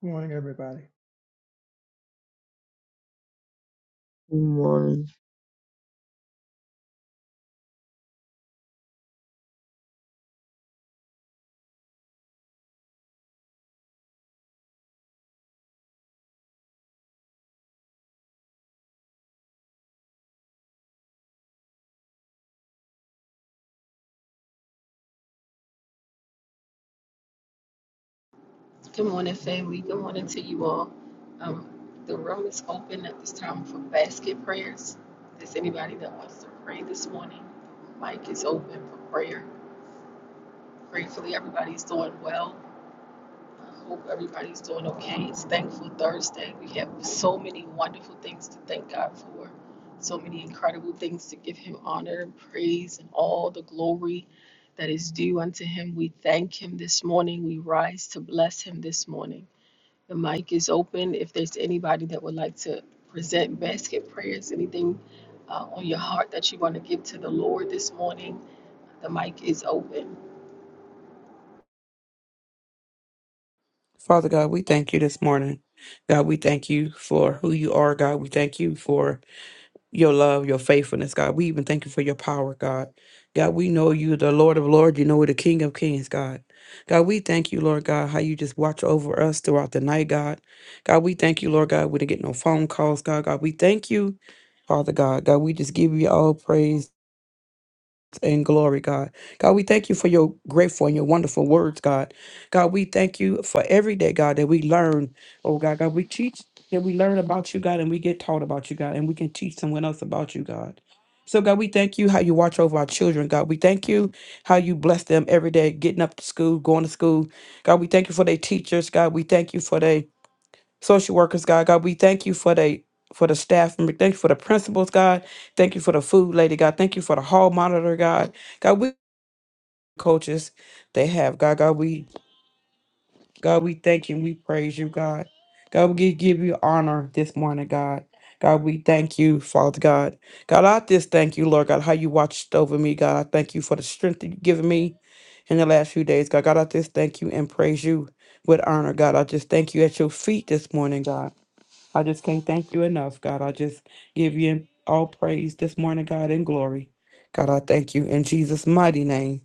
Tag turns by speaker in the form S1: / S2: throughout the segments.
S1: Good morning, everybody.
S2: Good morning,
S3: Good morning, family. Good morning to you all. Um, the room is open at this time for basket prayers. If there's anybody that wants to pray this morning, mic is open for prayer. Gratefully, everybody's doing well. I hope everybody's doing okay. It's Thankful Thursday. We have so many wonderful things to thank God for, so many incredible things to give Him honor and praise and all the glory that is due unto Him. We thank Him this morning. We rise to bless Him this morning. The mic is open. If there's anybody that would like to present basket prayers, anything uh, on your heart that you want to give to the Lord this morning, the mic is open.
S4: Father God, we thank you this morning. God, we thank you for who you are, God. We thank you for your love, your faithfulness, God. We even thank you for your power, God. God, we know you, the Lord of Lords. You know, the King of Kings, God. God, we thank you, Lord God, how you just watch over us throughout the night, God. God, we thank you, Lord God. We didn't get no phone calls, God. God, we thank you, Father God. God, we just give you all praise and glory, God. God, we thank you for your grateful and your wonderful words, God. God, we thank you for every day, God, that we learn. Oh, God, God, we teach that we learn about you, God, and we get taught about you, God, and we can teach someone else about you, God. So, God, we thank you how you watch over our children, God. We thank you how you bless them every day, getting up to school, going to school. God, we thank you for their teachers, God. We thank you for their social workers, God. God, we thank you for the for the staff member. Thank you for the principals, God. Thank you for the food lady, God. Thank you for the hall monitor, God. God, we coaches they have, God. God, we God, we thank you and we praise you, God. God, we gi- give you honor this morning, God. God, we thank you, Father God. God, I just thank you, Lord God, how you watched over me, God. I thank you for the strength that you've given me in the last few days, God. God, I just thank you and praise you with honor, God. I just thank you at your feet this morning, God. I just can't thank you enough, God. I just give you all praise this morning, God, and glory. God, I thank you in Jesus' mighty name.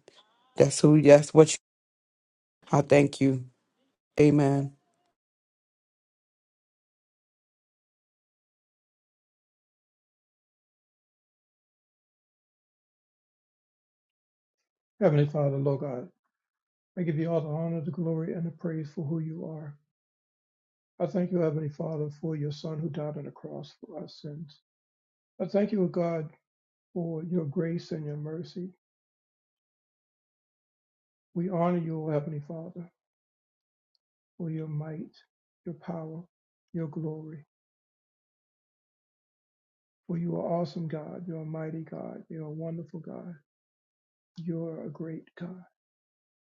S4: That's who, that's what you, I thank you. Amen.
S1: Heavenly Father, Lord God, I give you all the honor, the glory, and the praise for who you are. I thank you, Heavenly Father, for your Son who died on the cross for our sins. I thank you, O God, for your grace and your mercy. We honor you, O Heavenly Father, for your might, your power, your glory. For you are awesome God, you're a mighty God, you're a wonderful God, you're a great God.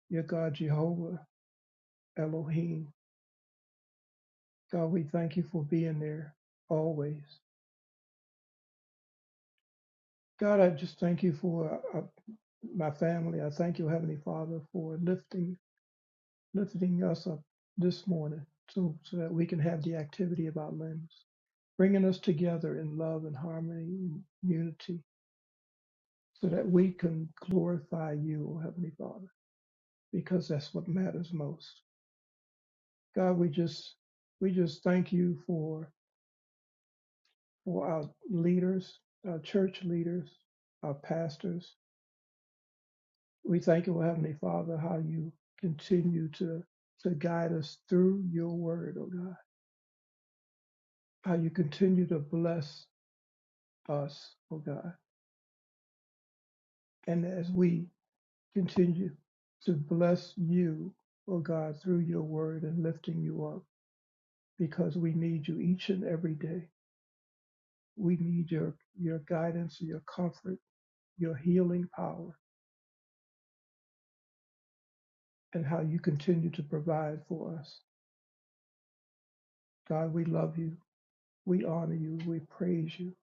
S1: You're God Jehovah, Elohim. God, we thank you for being there always. God, I just thank you for uh, my family. I thank you, Heavenly Father, for lifting lifting us up this morning so, so that we can have the activity of our limbs, bringing us together in love and harmony and unity so that we can glorify you, oh Heavenly Father, because that's what matters most. God, we just we just thank you for for our leaders, our church leaders, our pastors, We thank you, Heavenly Father, how you continue to, to guide us through your word, oh God. How you continue to bless us, oh God. And as we continue to bless you, oh God, through your word and lifting you up, because we need you each and every day. We need your, your guidance, your comfort, your healing power, and how you continue to provide for us. God, we love you. We honor you. We praise you.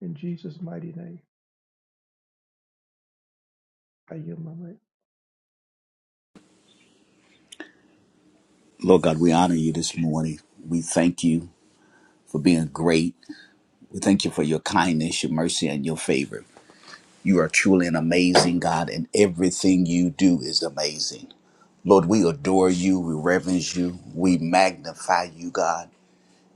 S1: In Jesus' mighty name. Are you my mic?
S5: Lord God, we honor you this morning. We thank you for being great. We thank you for your kindness, your mercy, and your favor. You are truly an amazing God, and everything you do is amazing. Lord, we adore you, we reverence you, we magnify you, God.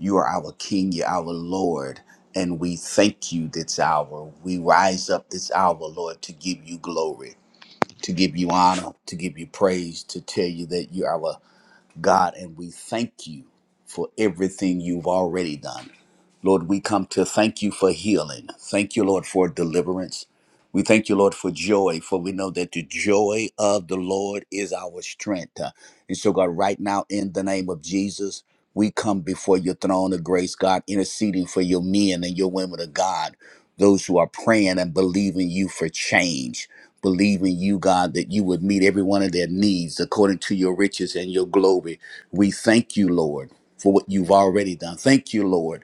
S5: You are our King, you're our Lord, and we thank you this hour. We rise up this hour, Lord, to give you glory, to give you honor, to give you praise, to tell you that you are our God, and we thank you for everything you've already done. Lord, we come to thank you for healing. Thank you, Lord, for deliverance. We thank you, Lord, for joy, for we know that the joy of the Lord is our strength. Uh, And so, God, right now, in the name of Jesus, we come before your throne of grace, God, interceding for your men and your women of God, those who are praying and believing you for change, believing you, God, that you would meet every one of their needs according to your riches and your glory. We thank you, Lord, for what you've already done. Thank you, Lord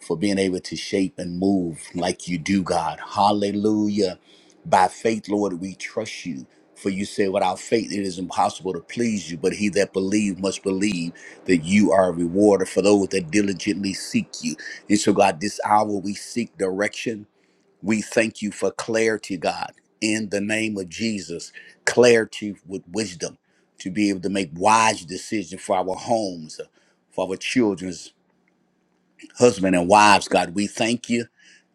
S5: for being able to shape and move like you do, God. Hallelujah. By faith, Lord, we trust you. For you say, without faith, it is impossible to please you. But he that believes must believe that you are a rewarder for those that diligently seek you. And so, God, this hour we seek direction. We thank you for clarity, God, in the name of Jesus, clarity with wisdom to be able to make wise decisions for our homes, for our children, husband and wives, God. We thank you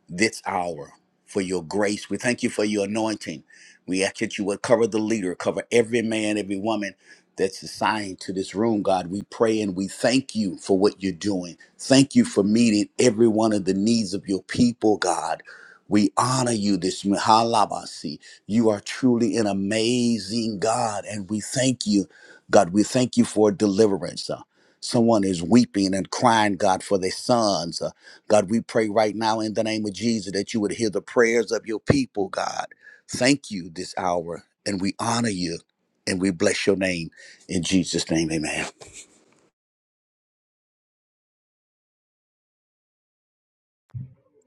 S5: this hour for your grace. We thank you for your anointing. We ask that you would cover the leader, cover every man, every woman that's assigned to this room, God. We pray and we thank you for what you're doing. Thank you for meeting every one of the needs of your people, God. We honor you this morning. Halabasi. You are truly an amazing God, and we thank you, God. We thank you for deliverance. Uh, someone is weeping and crying, God, for their sons. Uh, God, we pray right now in the name of Jesus that you would hear the prayers of your people, God. Thank you this hour, and we honor you, and we bless your name. In Jesus' name, amen.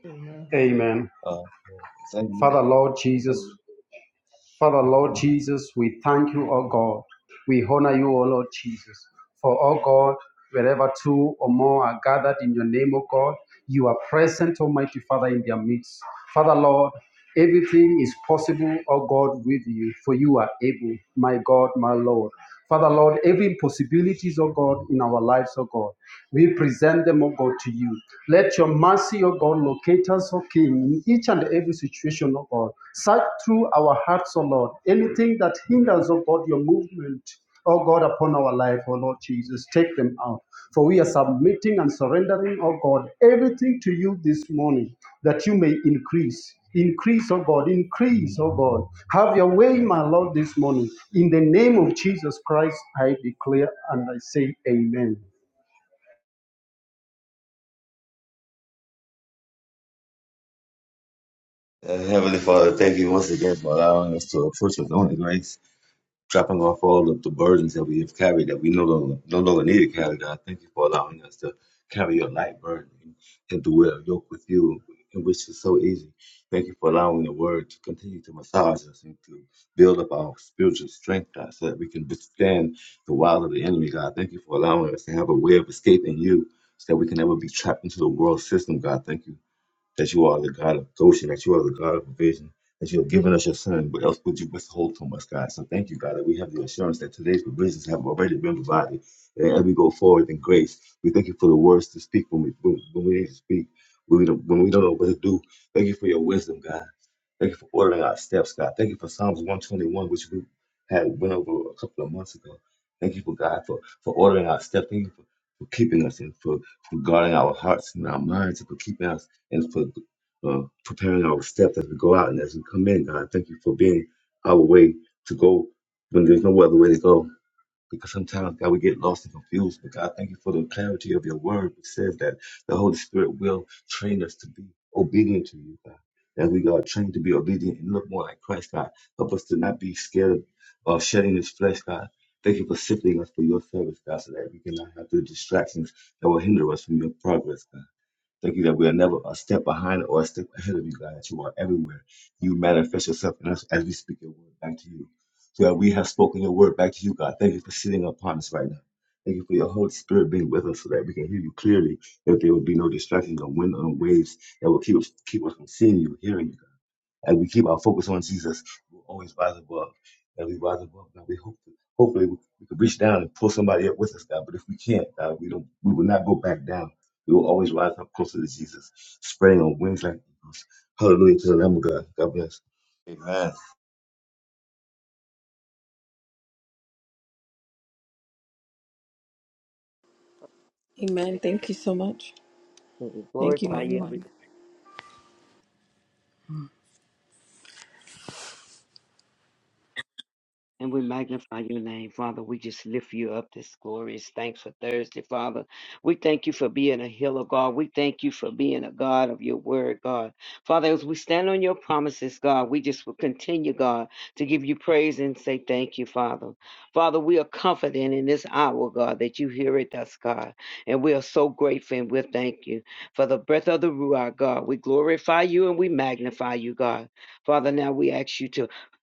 S1: Amen.
S6: Amen.
S7: Uh, thank you.
S6: Father Lord Jesus, Father Lord Jesus, we thank you, O God. We honor you, O Lord Jesus. For, O God, wherever two or more are gathered in your name, O God, you are present, Almighty Father, in their midst. Father Lord, everything is possible, O God, with you, for you are able, my God, my Lord. Father Lord, every possibilities, oh God, in our lives, oh God, we present them, oh God, to you. Let your mercy, oh God, locate us, oh King, in each and every situation, oh God. Search through our hearts, oh Lord, anything that hinders, oh God, your movement, oh God, upon our life, oh Lord Jesus. Take them out. For we are submitting and surrendering, oh God, everything to you this morning that you may increase. Increase, oh God, increase, oh God. Have your way, my Lord, this morning. In the name of Jesus Christ, I declare and I say amen.
S7: Uh, Heavenly Father, thank you once again for allowing us to approach with only grace, dropping off all of the burdens that we have carried that we no longer, no longer need to carry. God, thank you for allowing us to carry your light burden and to wear a yoke with you, in which is so easy. Thank you for allowing the word to continue to massage us and to build up our spiritual strength, God, so that we can withstand the wiles of the enemy, God. Thank you for allowing us to have a way of escaping you so that we can never be trapped into the world system, God. Thank you that you are the God of Goshen, that you are the God of provision, that you have given us your son. What else would you withhold from us, God? So thank you, God, that we have the assurance that today's provisions have already been provided. And as we go forward in grace, we thank you for the words to speak when we when, when we need to speak, when we, don't, when we don't know what to do. Thank you for your wisdom, God. Thank you for ordering our steps, God. Thank you for Psalms 121, which we had went over a couple of months ago. Thank you for God for, for ordering our steps. Thank you for, for keeping us and for, for guarding our hearts and our minds and for keeping us and for uh, preparing our steps as we go out and as we come in, God. Thank you for being our way to go when there's no other way to go. Because sometimes, God, we get lost and confused. But God, thank you for the clarity of your word, which says that the Holy Spirit will train us to be obedient to you, God. That we are trained to be obedient and look more like Christ, God. Help us to not be scared of uh, shedding this flesh, God. Thank you for sifting us for your service, God, so that we cannot have the distractions that will hinder us from your progress, God. Thank you that we are never a step behind or a step ahead of you, God, that you are everywhere. You manifest yourself in us as we speak your word back to you. So that we have spoken your word back to you, God. Thank you for sitting upon us right now. Thank you for your Holy Spirit being with us so that we can hear you clearly, that there will be no distractions or wind or waves that will keep us, keep us from seeing you, hearing you, God. As we keep our focus on Jesus, we'll always rise above. As we rise above, God, we hope hopefully we, we can reach down and pull somebody up with us, God. But if we can't, God, we don't we will not go back down. We will always rise up closer to Jesus, spreading on wings like eagles. Hallelujah to the Lamb of God. God bless. Amen.
S8: you
S3: Amen.
S8: this
S3: Thank you so much.
S8: morning. We
S3: Thank you,
S8: glorify you and we,
S3: everyone.
S8: and we magnify your name, Father. We just lift you up this glorious thanks for Thursday, Father. We thank you for being a healer, God. We thank you for being a God of your word, God. Father, as we stand on your promises, God, we just will continue, God, to give you praise and say thank you, Father. Father, we are confident in this hour, God, that you hear it us, God. And we are so grateful and we thank you for the breath of the Ruah, God. We glorify you and we magnify you, God. Father, now we ask you to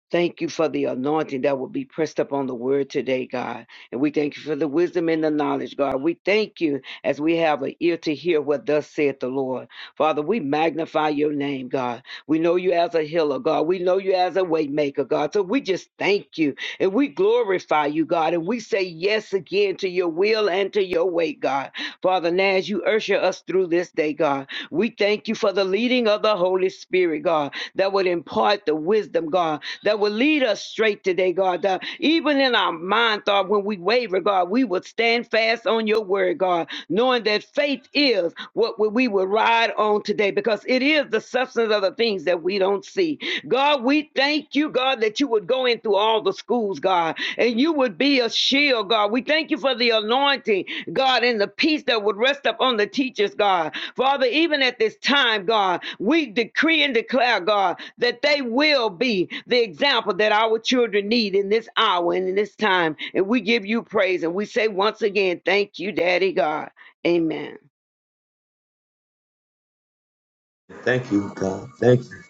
S8: Thank you for the anointing that will be pressed upon the word today, God. And we thank you for the wisdom and the knowledge, God. We thank you as we have an ear to hear what thus saith the Lord. Father, we magnify your name, God. We know you as a healer, God. We know you as a way maker, God. So we just thank you and we glorify you, God. And we say yes again to your will and to your way, God. Father, now as you usher us through this day, God, we thank you for the leading of the Holy Spirit, God, that would impart the wisdom, God, that will lead us straight today, God. Uh, even in our mind, thought when we waver, God, we will stand fast on your word, God, knowing that faith is what we we will ride on today because it is the substance of the things that we don't see. God, we thank you, God, that you would go in through all the schools, God, and you would be a shield, God. We thank you for the anointing, God, and the peace that would rest upon the teachers, God. Father, even at this time, God, we decree and declare, God, that they will be the example that our children need in this hour and in this time. And we give you praise and we say once again, thank you, Daddy God. Amen.
S7: Thank you, God. Thank you.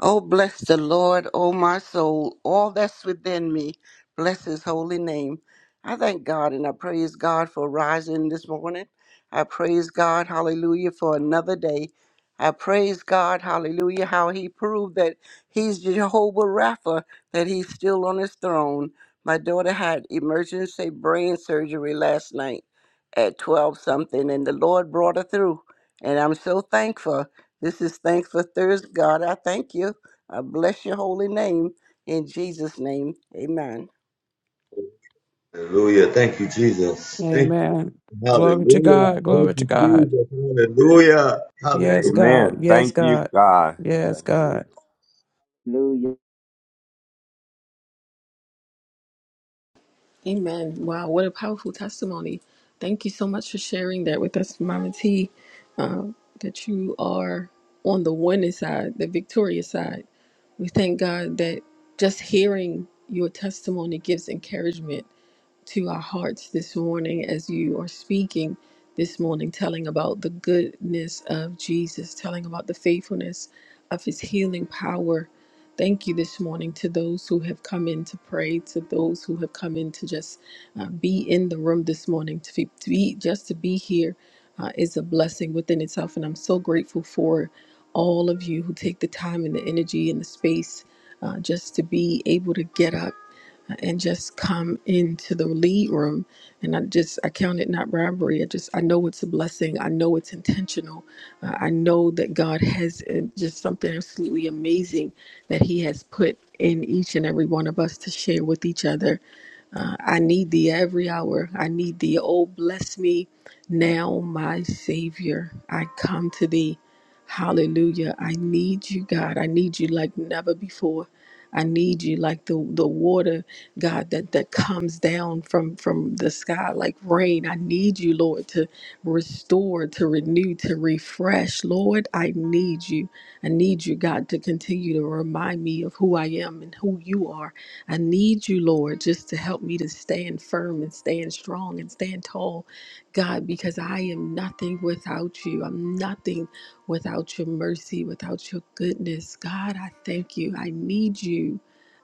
S9: Oh, bless the Lord, oh my soul, all that's within me. Bless his holy name. I thank God and I praise God for rising this morning. I praise God, hallelujah, for another day. I praise God, hallelujah, how he proved that he's Jehovah Rapha, that he's still on his throne. My daughter had emergency brain surgery last night at 12 something, and the Lord brought her through. And I'm so thankful. This is thanks for Thursday, God. I thank you. I bless your holy name. In Jesus' name, amen.
S7: Hallelujah. Thank you, Jesus. Thank you.
S4: Amen. Glory to
S7: Hallelujah.
S4: God. Glory
S7: Thank
S4: to
S7: you,
S4: God.
S7: Jesus. Hallelujah.
S4: Yes,
S7: Hallelujah.
S4: God.
S10: Amen.
S4: Yes,
S10: Thank you,
S4: God.
S10: God.
S4: Yes,
S10: Thank you.
S4: God.
S3: Amen. Wow, what a powerful testimony. Thank you so much for sharing that with us, Mama T. Um, that you are on the winning side, the victorious side. We thank God that just hearing your testimony gives encouragement to our hearts this morning as you are speaking this morning, telling about the goodness of Jesus, telling about the faithfulness of his healing power. Thank you this morning to those who have come in to pray, to those who have come in to just uh, be in the room this morning, to be, to be just to be here uh, is a blessing within itself. And I'm so grateful for all of you who take the time and the energy and the space uh, just to be able to get up and just come into the lead room and i just i count it not robbery i just i know it's a blessing i know it's intentional uh, i know that god has uh, just something absolutely amazing that he has put in each and every one of us to share with each other uh, i need thee every hour i need thee oh bless me now my savior i come to thee hallelujah i need you god i need you like never before i need you like the the water God, that, that comes down from, from the sky like rain. I need you, Lord, to restore, to renew, to refresh. Lord, I need you. I need you, God, to continue to remind me of who I am and who you are. I need you, Lord, just to help me to stand firm and stand strong and stand tall, God, because I am nothing without you. I'm nothing without your mercy, without your goodness. God, I thank you. I need you.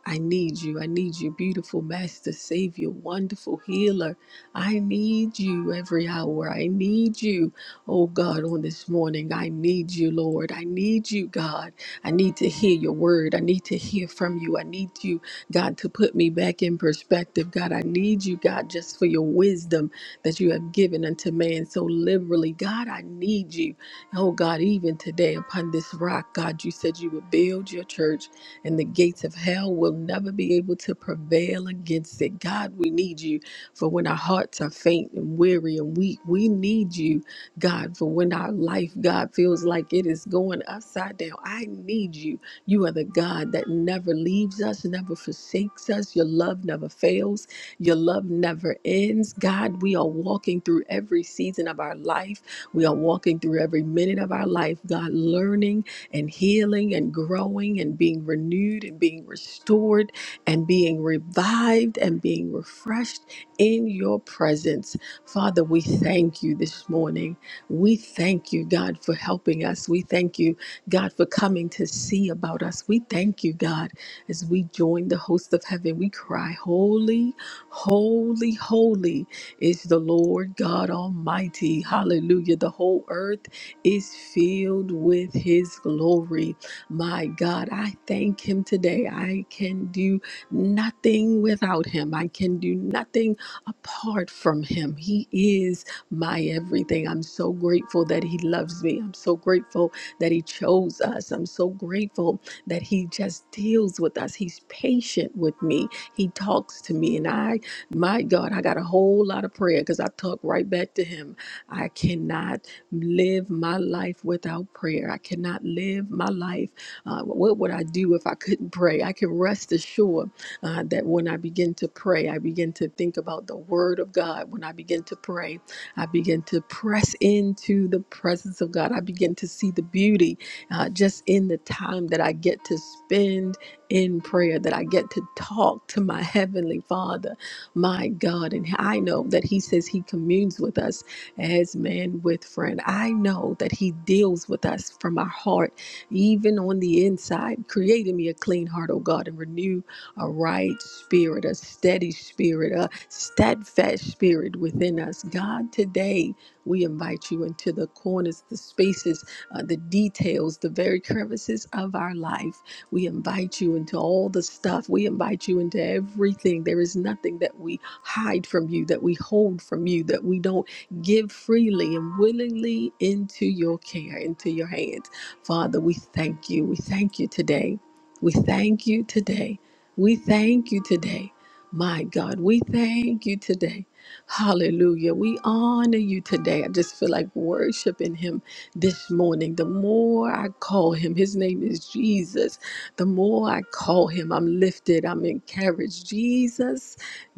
S3: I need you. I need you, beautiful Master, Savior, wonderful healer. I need you every hour. I need you, oh God, on this morning. I need you, Lord. I need you, God. I need to hear your word. I need to hear from you. I need you, God, to put me back in perspective. God, I need you, God, just for your wisdom that you have given unto man so liberally. God, I need you. Oh God, even today upon this rock, God, you said you would build your church and the gates of hell will never be able to prevail against it. God, we need you for when our hearts are faint and weary and weak. We need you, God, for when our life, God, feels like it is going upside down. I need you. You are the God that never leaves us, never forsakes us. Your love never fails, your love never ends. God, we are walking through every season of our life. We are walking through every minute of our life, God, learning and healing and growing and being renewed and being restored and being revived and being refreshed in your presence. Father, we thank you this morning. We thank you, God, for helping us. We thank you, God, for coming to see about us. We thank you, God, as we join the host of heaven. We cry, Holy, holy, holy is the Lord God Almighty. Hallelujah. The whole earth is filled with his glory. My God, I thank him today. I can do nothing without him, I can do nothing apart from him. He is my everything. I'm so grateful that he loves me. I'm so grateful that he chose us. I'm so grateful that he just deals with us. He's patient with me. He talks to me, and I my God, I got a whole lot of prayer because I talk right back to him. I cannot live my life without prayer. I cannot live my life. Uh, what would I do if I couldn't pray? I can rest assured uh, that when I begin to pray, I begin to think about the Word of God. When I begin to pray, I begin to press into the presence of God. I begin to see the beauty uh, just in the time that I get to spend in prayer, that I get to talk to my Heavenly Father, my God. And I know that He says He communes with us as man with friend. I know that He deals with us from our heart, even on the inside. Create in me a clean heart, O God, and renew a right spirit, a steady spirit, a steadfast spirit within us. God, today we invite you into the corners, the spaces, uh, the details, the very crevices of our life. We invite you into all the stuff. We invite you into everything. There is nothing that we hide from you, that we hold from you, that we don't give freely and willingly into your care, into your hands. Father, we thank you. We thank you today. We thank you today. We thank you today. My God, we thank you today. Hallelujah. We honor you today. I just feel like worshiping him this morning. The more I call him, his name is Jesus. The more I call him, I'm lifted, I'm encouraged. Jesus.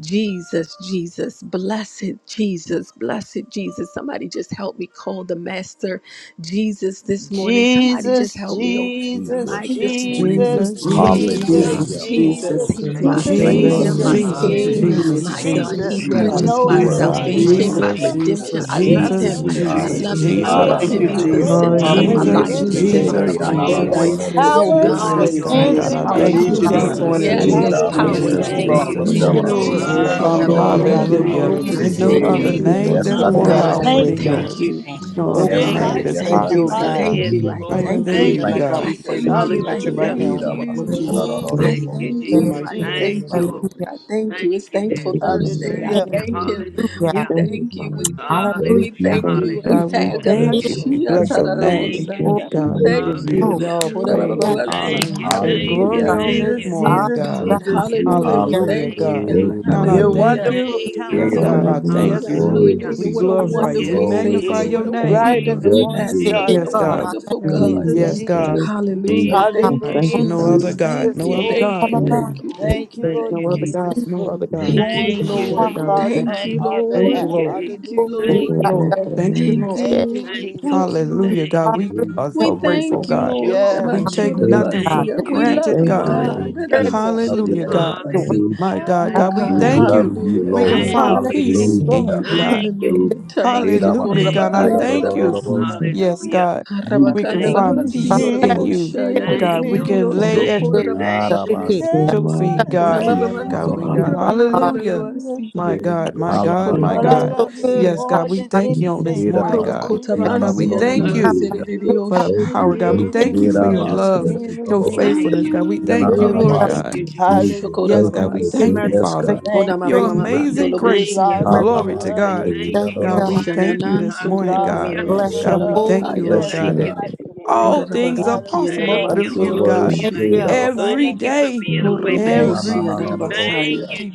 S3: Jesus, Jesus, blessed Jesus, blessed Jesus. Somebody just help me call the Master Jesus this morning. Somebody just
S11: Jesus,
S3: help me open the
S11: Jesus,
S3: mic
S5: Jesus.
S3: this
S12: Interest,
S3: morning.
S2: Jesus.
S11: Jesus,
S13: Jesus,
S4: Jesus,
S2: Jesus,
S13: Jesus,
S4: Jesus,
S11: Jesus,
S3: Jesus,
S4: Jesus.
S14: Jesus,
S5: Hallelujah.
S13: Jesus,
S3: Jesus,
S11: Jesus,
S14: Jesus,
S3: He's my
S2: about your
S12: interest,
S6: Jesus.
S5: Thank
S3: Savior,
S4: Jesus,
S2: name,
S12: interest,
S13: yes,
S12: interest,
S5: you,
S6: Hallelujah,
S3: my
S5: Jesus.
S2: Lord
S11: Jesus,
S14: Jesus,
S2: God.
S4: Jesus,
S3: King,
S2: Thank
S6: Jesus.
S11: Jesus,
S1: Jesus,
S2: you.
S13: Jesus,
S4: Jesus,
S3: my
S14: Jesus,
S3: God.
S1: Jesus,
S11: Jesus.
S3: He
S4: Jesus.
S2: Thank
S13: hallelujah,
S5: Jesus,
S3: purchased
S6: Jesus.
S11: No
S2: you,
S5: your
S3: my
S4: My
S11: other
S5: word.
S14: Jesus,
S2: Father.
S6: Jesus,
S4: God.
S11: name
S3: salvation,
S13: Jesus,
S1: Almighty
S14: Jesus,
S3: my
S11: sweeter
S4: Jesus,
S3: redemption.
S1: Jesus,
S14: Jesus,
S3: I
S11: than
S2: Thank
S11: the
S3: love
S14: Jesus,
S5: Jesus,
S4: Jesus,
S3: Him.
S11: name
S2: you,
S5: we
S11: of
S3: I
S14: Jesus.
S5: honor
S4: Jesus,
S6: Jesus,
S3: love
S5: you.
S11: Jesus.
S1: the
S2: Lord.
S3: Him. I
S5: Ah,
S13: Jesus,
S11: No
S1: King
S5: da,
S1: of
S3: love
S11: other
S13: thank
S4: Jesus,
S14: Thank
S5: da,
S3: Him.
S14: you,
S5: da,
S11: name
S1: kings
S3: He's
S13: you,
S1: and
S5: bo-
S3: the
S1: the
S14: Jesus.
S13: Jesus,
S1: Lord
S11: greater
S1: of
S3: center of my
S13: thank
S6: Jesus,
S2: Hallelujah.
S1: lords.
S14: Hallelujah,
S13: you,
S4: Jesus,
S2: Thank
S3: life,
S11: than
S3: the
S14: Jesus.
S11: the
S1: We
S2: you,
S11: name
S3: center
S13: Jesus,
S11: of
S4: Jesus,
S5: Ishiki,
S3: of
S1: thank
S5: ah,
S3: my
S1: you,
S2: God.
S5: na, na,
S11: Jesus.
S13: and
S6: glory
S5: na,
S6: Yes,
S4: Jesus.
S3: joy.
S13: I
S1: Jesus.
S5: na,
S11: There's
S5: na,
S6: to
S5: bo-
S14: Jesus,
S3: Oh
S13: in
S11: power
S6: your
S5: yeah.
S13: this
S3: God,
S6: name,
S3: I
S14: Jesus,
S4: Yes,
S1: We
S6: Jesus.
S13: place,
S2: Thank you,
S1: thank
S4: God,
S11: in
S1: you,
S3: thank
S4: God,
S13: Lord,
S14: Jesus.
S11: the
S4: I
S3: you
S14: We
S5: God,
S11: name
S4: thank
S3: this
S4: you,
S14: need
S11: of
S5: your
S14: you
S1: Jesus.
S7: Thank
S14: this
S3: morning.
S13: hallelujah,
S5: word.
S4: Jesus.
S14: morning,
S11: Jesus.
S3: Yes,
S2: Great
S5: Eh,
S13: thank
S14: Jesus.
S1: Glory
S3: there's
S5: da,
S1: to
S14: We
S1: your
S13: you,
S5: ba,
S3: power
S5: si-
S1: name,
S13: Jesus,
S14: need
S4: Jesus,
S3: in
S14: you,
S3: the
S2: to
S11: Hallelujah.
S2: you,
S3: name
S14: Father.
S4: Jesus,
S5: eh,
S6: Oh,
S13: thank
S1: Jesus.
S5: da,
S13: you,
S2: praised.
S5: ba,
S3: of
S5: si-
S6: Jesus,
S4: Jesus.
S13: Lord,
S5: ki,
S14: Oh,
S5: ah,
S3: Jesus.
S5: na,
S3: He'll
S11: Jesus,
S5: na,
S14: come,
S1: Mighty
S6: Jesus.
S5: na,
S3: never
S2: Thank
S1: is
S14: Lord,
S5: na,
S14: oh
S1: your
S5: na,
S2: you,
S13: thank
S5: bo-
S14: God,
S11: Jesus,
S3: leave
S13: you,
S1: name,
S14: look
S3: me
S4: Hallelujah.
S14: on
S3: nor
S2: Jesus.
S13: Lord,
S12: interest,
S6: Jesus,
S13: thank
S1: Jesus.
S13: you,
S11: Jesus,
S4: No
S3: forsake
S4: other
S2: The
S3: me.
S13: Lord,
S6: amen.
S11: Jesus,
S2: people
S4: name
S2: of
S5: Yes,
S2: the
S4: that's
S3: Oh
S5: God.
S14: the
S13: as
S11: Jesus.
S4: more
S13: I
S11: I
S2: community,
S5: Yes,
S3: God,
S14: latest
S5: God.
S3: I
S2: Thank
S4: powerful
S11: thank
S1: Hallelujah,
S13: always
S4: than
S11: you
S14: name.
S13: God,
S3: thank
S14: oh
S4: yours.
S3: you.
S1: Jesus.
S14: God.
S4: No
S11: for
S3: Oh
S15: Glory,
S4: other
S5: Yes,
S11: being
S3: God, I
S11: my
S4: name
S5: God.
S12: interest,
S4: that's
S5: Yes,
S11: redeemer.
S14: Thank
S4: hi-
S3: thank
S5: God.
S14: you, oh
S3: you.
S12: interest,
S5: Yes,
S3: I
S12: interest,
S5: God.
S14: God.
S13: hallelujah.
S3: thank you.
S11: Hallelujah,
S3: I
S4: higher
S11: Jesus.
S3: thank
S14: You're
S4: than
S3: you.
S14: still
S11: Thank
S14: here,
S4: you,
S14: now,
S11: you,
S5: Thank you.
S14: God.
S3: I
S4: God.
S5: Jesus.
S14: We pray
S11: Jesus.
S14: that
S2: you,
S3: thank
S14: you
S3: you. I
S14: touch it
S2: Jesus.
S14: right
S11: Hallelujah.
S14: now
S3: thank
S14: in the name of
S3: you.
S5: Irabasi.
S14: Jesus.
S15: glory,
S3: I
S11: Jesus,
S2: Hallelujah.
S3: thank
S1: The
S15: hallelujah,
S11: Jesus,
S3: you.
S7: you,
S3: I
S1: mighty name
S11: Jesus.
S3: thank
S1: of
S14: Father.
S3: you, Lord. I
S1: Jesus.
S3: thank you. It's Thankful
S7: Jesus.
S1: Jesus, our
S2: Hallelujah.
S3: Thursday. I
S11: Hallelujah.
S1: Savior.
S3: thank
S7: Amen.
S3: Him.
S15: hallelujah,
S3: We
S2: Thank
S7: Thank
S2: you,
S3: thank
S7: you,
S3: you.
S2: Father.
S3: We
S7: Jesus.
S3: thank you.
S7: Thank
S15: hallelujah,
S3: We
S7: you,
S3: thank
S2: Thank
S7: Jesus.
S2: you,
S3: you. I
S1: Jesus,
S15: hallelujah.
S4: God,
S1: the
S4: we
S3: thank
S1: lover
S3: Him.
S1: of
S7: Thank
S1: my
S4: thank
S15: It
S4: you.
S2: blessed.
S4: We
S1: soul.
S3: Ashia
S4: bless
S7: you,
S4: your
S7: Jesus.
S4: name.
S2: Bless
S15: will
S3: tararabosaya.
S2: your
S3: We
S4: God, we
S2: wonderful
S4: just
S3: thank
S4: give
S2: name.
S3: you.
S11: Jesus,
S15: move.
S7: Hallelujah.
S4: you all
S15: Mama,
S4: praise
S11: Jesus,
S15: that's
S4: and
S2: Thank
S4: honor
S3: Orabababasi.
S1: Hallelujah,
S4: and
S11: Jesus,
S4: glory
S1: Jesus.
S3: Hallelujah.
S15: the
S4: on
S5: Hallelujah.
S4: this
S7: Amen.
S11: Jesus,
S3: Oh,
S4: morning,
S11: Jesus,
S15: only
S2: you.
S4: God.
S3: God.
S7: Thank
S15: God.
S7: you,
S11: Jesus.
S7: Jesus.
S3: Hallelujah. We
S15: Hallelujah,
S4: Hallelujah,
S3: thank you,
S4: God.
S7: Thank
S3: God.
S7: you,
S4: God,
S5: Hallelujah.
S4: I
S11: You're
S7: Jesus.
S2: Hallelujah.
S4: thank
S3: Hallelujah.
S4: you.
S11: wonderful
S4: Yes, God,
S11: counselor.
S7: Hallelujah.
S4: I
S5: Irabasi.
S15: hallelujah.
S2: Hallelujah.
S4: thank
S3: Hallelujah.
S11: Yes,
S4: you.
S2: Glory
S7: Praise
S2: to
S3: Hallelujah.
S4: We
S11: Jesus,
S3: What
S7: you.
S3: a
S2: you.
S4: glorify you.
S11: Jesus,
S4: We
S3: wonderful
S7: Thank
S5: Glory,
S4: magnify
S3: Savior.
S11: Jesus.
S7: you.
S4: your
S3: What
S11: You
S5: glory.
S3: a
S2: Thank
S4: name.
S2: you,
S11: bright in
S2: Lord
S11: the
S3: wonderful
S7: Yes,
S2: God.
S11: morning
S15: Jesus,
S3: Master.
S7: Jesus.
S11: star.
S3: What a
S4: Yes,
S15: God,
S7: Jesus,
S4: God.
S11: Jesus,
S15: I thank
S3: wonderful
S2: You're
S15: you.
S3: God.
S7: Jesus, Jesus,
S11: Jesus,
S4: Yes, God.
S2: here.
S11: Jesus.
S3: Hallelujah.
S7: Jesus,
S15: Yana,
S2: Oh,
S3: Thank you,
S2: thank you,
S11: Hallelujah,
S4: No
S2: God.
S4: other
S3: Jesus.
S7: Jesus,
S11: Jesus.
S4: God.
S11: Yes,
S3: Thank
S15: thank
S4: No
S3: you,
S7: Jesus,
S4: other
S15: you.
S11: Lord.
S3: thank
S4: God.
S15: Baba,
S3: you,
S2: Thank
S7: Jesus.
S15: Baba,
S3: thank
S2: you,
S3: you,
S2: thank
S11: Thank
S3: thank
S11: you,
S3: you,
S4: There's
S11: Lord
S4: no
S3: thank
S4: other
S2: you,
S3: you.
S4: God.
S11: Jesus,
S4: No
S11: for
S4: other
S7: Love
S4: God.
S2: thank you,
S3: Thank
S7: you,
S11: going
S7: Lord.
S3: you,
S2: Jesus.
S11: to the
S4: Yes,
S3: Lord.
S7: Thank
S15: hallelujah.
S4: God, we
S11: cross
S4: thank
S3: Thank
S11: on
S3: you,
S11: our
S4: Thank you,
S3: Lord.
S11: behalf.
S4: Lord.
S3: Thank you,
S11: Hallelujah,
S2: Thank
S4: Thank
S15: Glory,
S11: Jesus.
S4: you,
S3: Lord.
S2: you, Lord.
S15: God,
S2: about
S15: God.
S4: Lord.
S2: your
S4: Thank you,
S2: name.
S3: Thank
S4: Lord.
S3: you,
S15: Yes,
S11: Thank you,
S3: Lord. Thank
S11: Jesus.
S3: you,
S4: Hallelujah,
S3: Lord.
S4: God. We
S7: you,
S16: Hallelujah.
S4: are
S15: hallelujah,
S3: We
S4: so grateful,
S3: thank you,
S4: God.
S7: Jesus.
S3: Lord. I'm
S4: We
S11: Yes,
S3: not sure
S4: take
S3: that I'm
S7: Thank
S16: Hallelujah.
S15: hallelujah,
S3: about
S4: nothing
S7: you,
S3: see
S4: for
S15: God. You're
S3: you. We love
S4: granted,
S7: Jesus.
S2: Thank
S3: you,
S2: you,
S7: Thank
S4: God.
S11: love
S15: awesome,
S2: Lord.
S3: God.
S11: you,
S16: Thank
S7: you,
S3: That
S15: God.
S3: I'm not
S7: Jesus.
S3: sure
S11: Jesus.
S5: Love you,
S4: Hallelujah,
S2: Thank
S3: that
S5: Lord.
S4: God.
S3: I'm
S2: you,
S3: about to
S15: You're worthy, God. You're worthy, you're
S3: see.
S2: Lord.
S3: it.
S7: Hallelujah.
S4: My
S15: worthy,
S11: I
S4: God,
S3: Oh
S4: God, we
S5: We
S7: Jesus,
S3: God,
S15: God.
S2: Yes,
S4: thank
S5: love
S7: Jesus,
S4: you.
S11: love
S5: you,
S11: you,
S7: Jesus,
S3: hallelujah,
S7: Jesus,
S4: We can
S5: Lord.
S4: find
S15: Hallelujah!
S11: Jesus.
S3: hallelujah,
S4: peace
S11: Yes,
S2: yes, yes,
S7: Jesus,
S4: in
S11: Lord.
S5: Hallelujah.
S4: you, God.
S15: Jesus, Great
S3: hallelujah.
S7: Jesus,
S3: Taman
S4: Hallelujah,
S3: socorra
S5: Irabasi.
S4: God.
S11: All
S4: I
S11: my
S15: good
S3: bahaya da da
S4: thank you.
S3: basi.
S5: Irarorororobosi.
S11: life I've
S2: yes,
S4: Yes,
S11: been
S7: Jesus,
S4: God.
S7: Jesus,
S4: We can
S3: Arabakanda
S2: yes.
S7: Jesus,
S11: around
S4: find
S15: King.
S7: Jesus.
S11: you,
S2: Thank
S3: labasi
S4: peace
S15: Father, thank
S4: in
S5: Worthy.
S11: Jesus,
S4: you,
S3: orabosha
S11: Jesus,
S15: you.
S4: God. We
S11: Jesus.
S4: can
S3: yadadidididio
S2: you, Lord.
S4: lay
S7: Yes,
S4: at
S2: Thank you.
S15: Good
S7: Jesus,
S15: Jesus, okay.
S3: sokorabashende.
S7: Jesus,
S2: You're
S15: Yeah,
S5: Arabasi.
S11: Just
S4: your
S15: da, da,
S2: mighty.
S4: feet,
S15: Thank
S11: wanna
S3: una
S4: God.
S3: mama
S11: tell you,
S3: man
S4: God,
S2: You're
S4: we
S15: you,
S4: got
S2: omniscient.
S15: God.
S3: sokorabahaya
S11: Jesus,
S5: Ikiarorororobosi.
S15: Hallelujah.
S4: Hallelujah.
S11: Jesus.
S3: lalabasi
S4: My
S7: yes,
S4: God,
S3: yadididio
S4: my
S7: Lord,
S4: God,
S2: Thank
S5: Alarara.
S4: my
S7: Jesus.
S11: Lord,
S2: you,
S11: I
S15: It's
S4: God.
S2: Lord.
S15: so
S11: love
S15: good,
S11: you
S4: Yes,
S3: sokorababababasiya.
S15: God.
S4: God,
S11: more
S4: we
S11: than
S2: Thank
S4: thank
S2: you,
S4: you on
S15: Hallelujah.
S2: Lord.
S4: this
S11: anything.
S4: morning, God.
S5: Irabasi.
S11: Hallelujah,
S15: I
S4: God,
S15: can't
S4: we
S2: Thank
S3: Robokotabansi
S11: Jesus,
S7: Thank
S15: thank
S7: you,
S15: you
S4: thank
S2: you,
S3: yananaman
S11: Jesus.
S4: you
S15: enough.
S5: Ikiarorororobosi.
S15: If
S7: Jesus.
S3: serididio
S15: I
S4: for
S15: had 10,000
S4: the
S7: Thank
S3: shaya.
S7: you,
S4: power, God.
S15: tongues,
S4: We
S7: thank you,
S4: thank
S15: it's
S11: Jesus,
S4: you
S7: thank
S4: for
S15: all
S4: your
S3: Hallelujah.
S7: you,
S5: Irabasi.
S11: Jesus,
S4: love,
S7: thank
S2: Lord.
S7: you,
S11: Jesus,
S4: your
S7: thank you,
S5: Irarororobosi.
S7: God.
S11: Jesus.
S4: faithfulness, God.
S15: to
S4: We
S15: your
S3: Hallelujah.
S4: thank
S7: Oh,
S4: you,
S15: people,
S3: Lebe
S4: Lord
S2: Thank
S15: God.
S5: Yanananabasi.
S2: you,
S7: thank
S4: God.
S7: you,
S2: Lord. God.
S15: Hallelujah. Thank you
S7: Jesus.
S4: Yes,
S7: Thank you
S11: Hallelujah,
S4: God, we
S7: for,
S15: for your
S4: thank
S7: thank
S3: shokorabababasi.
S4: you,
S15: mercy.
S7: you for, thank you
S11: Jesus.
S5: Yes,
S11: We
S5: God.
S15: Thank
S4: Father.
S7: for,
S15: you for
S11: thank
S3: Una
S15: your
S3: mama
S4: Your
S15: grace
S11: you.
S3: mama
S7: thank
S3: man
S7: you.
S4: amazing
S11: We're
S4: grace.
S3: doloboshiya.
S15: and
S11: lost
S15: mercy.
S11: in your
S4: Glory
S7: Hallelujah.
S4: to
S11: love,
S5: Alabasia,
S4: God.
S7: Thank you,
S15: Thank
S7: Jesus.
S15: you,
S7: Thank
S11: Jesus.
S4: God,
S7: you,
S15: God.
S4: we
S7: Jesus.
S4: thank you
S5: Kianorobosia.
S3: Shananan
S4: this
S11: We're
S4: morning,
S11: lost
S4: God.
S11: in
S15: Bless
S11: your
S3: sokorabababasi
S4: God,
S15: your
S4: we
S11: love,
S15: holy
S4: thank
S11: the
S15: name.
S4: you,
S3: lalabahaya.
S4: Lord
S11: depth,
S5: Bless you,
S4: God,
S11: the
S2: We
S7: Thank
S4: that
S5: God.
S7: you,
S11: height, the
S7: Jesus.
S4: all
S11: wisdom,
S4: things are
S11: God
S7: thank
S11: of
S7: you,
S3: Orabasiki
S11: your
S4: possible
S5: Bless
S15: Thank
S3: yananaman
S11: love.
S4: through
S5: your
S15: you.
S4: you, God.
S5: word.
S2: Thank you,
S15: Thank
S3: soroboshi.
S5: Head
S15: you.
S11: Lord
S5: about
S11: God,
S4: Every
S11: I thank
S4: day,
S11: you.
S2: Lord. Thank you.
S11: Thank
S4: every
S11: you,
S3: Horobokoshi
S11: Jesus.
S3: Adabasaya.
S5: Kianorobosia.
S4: Day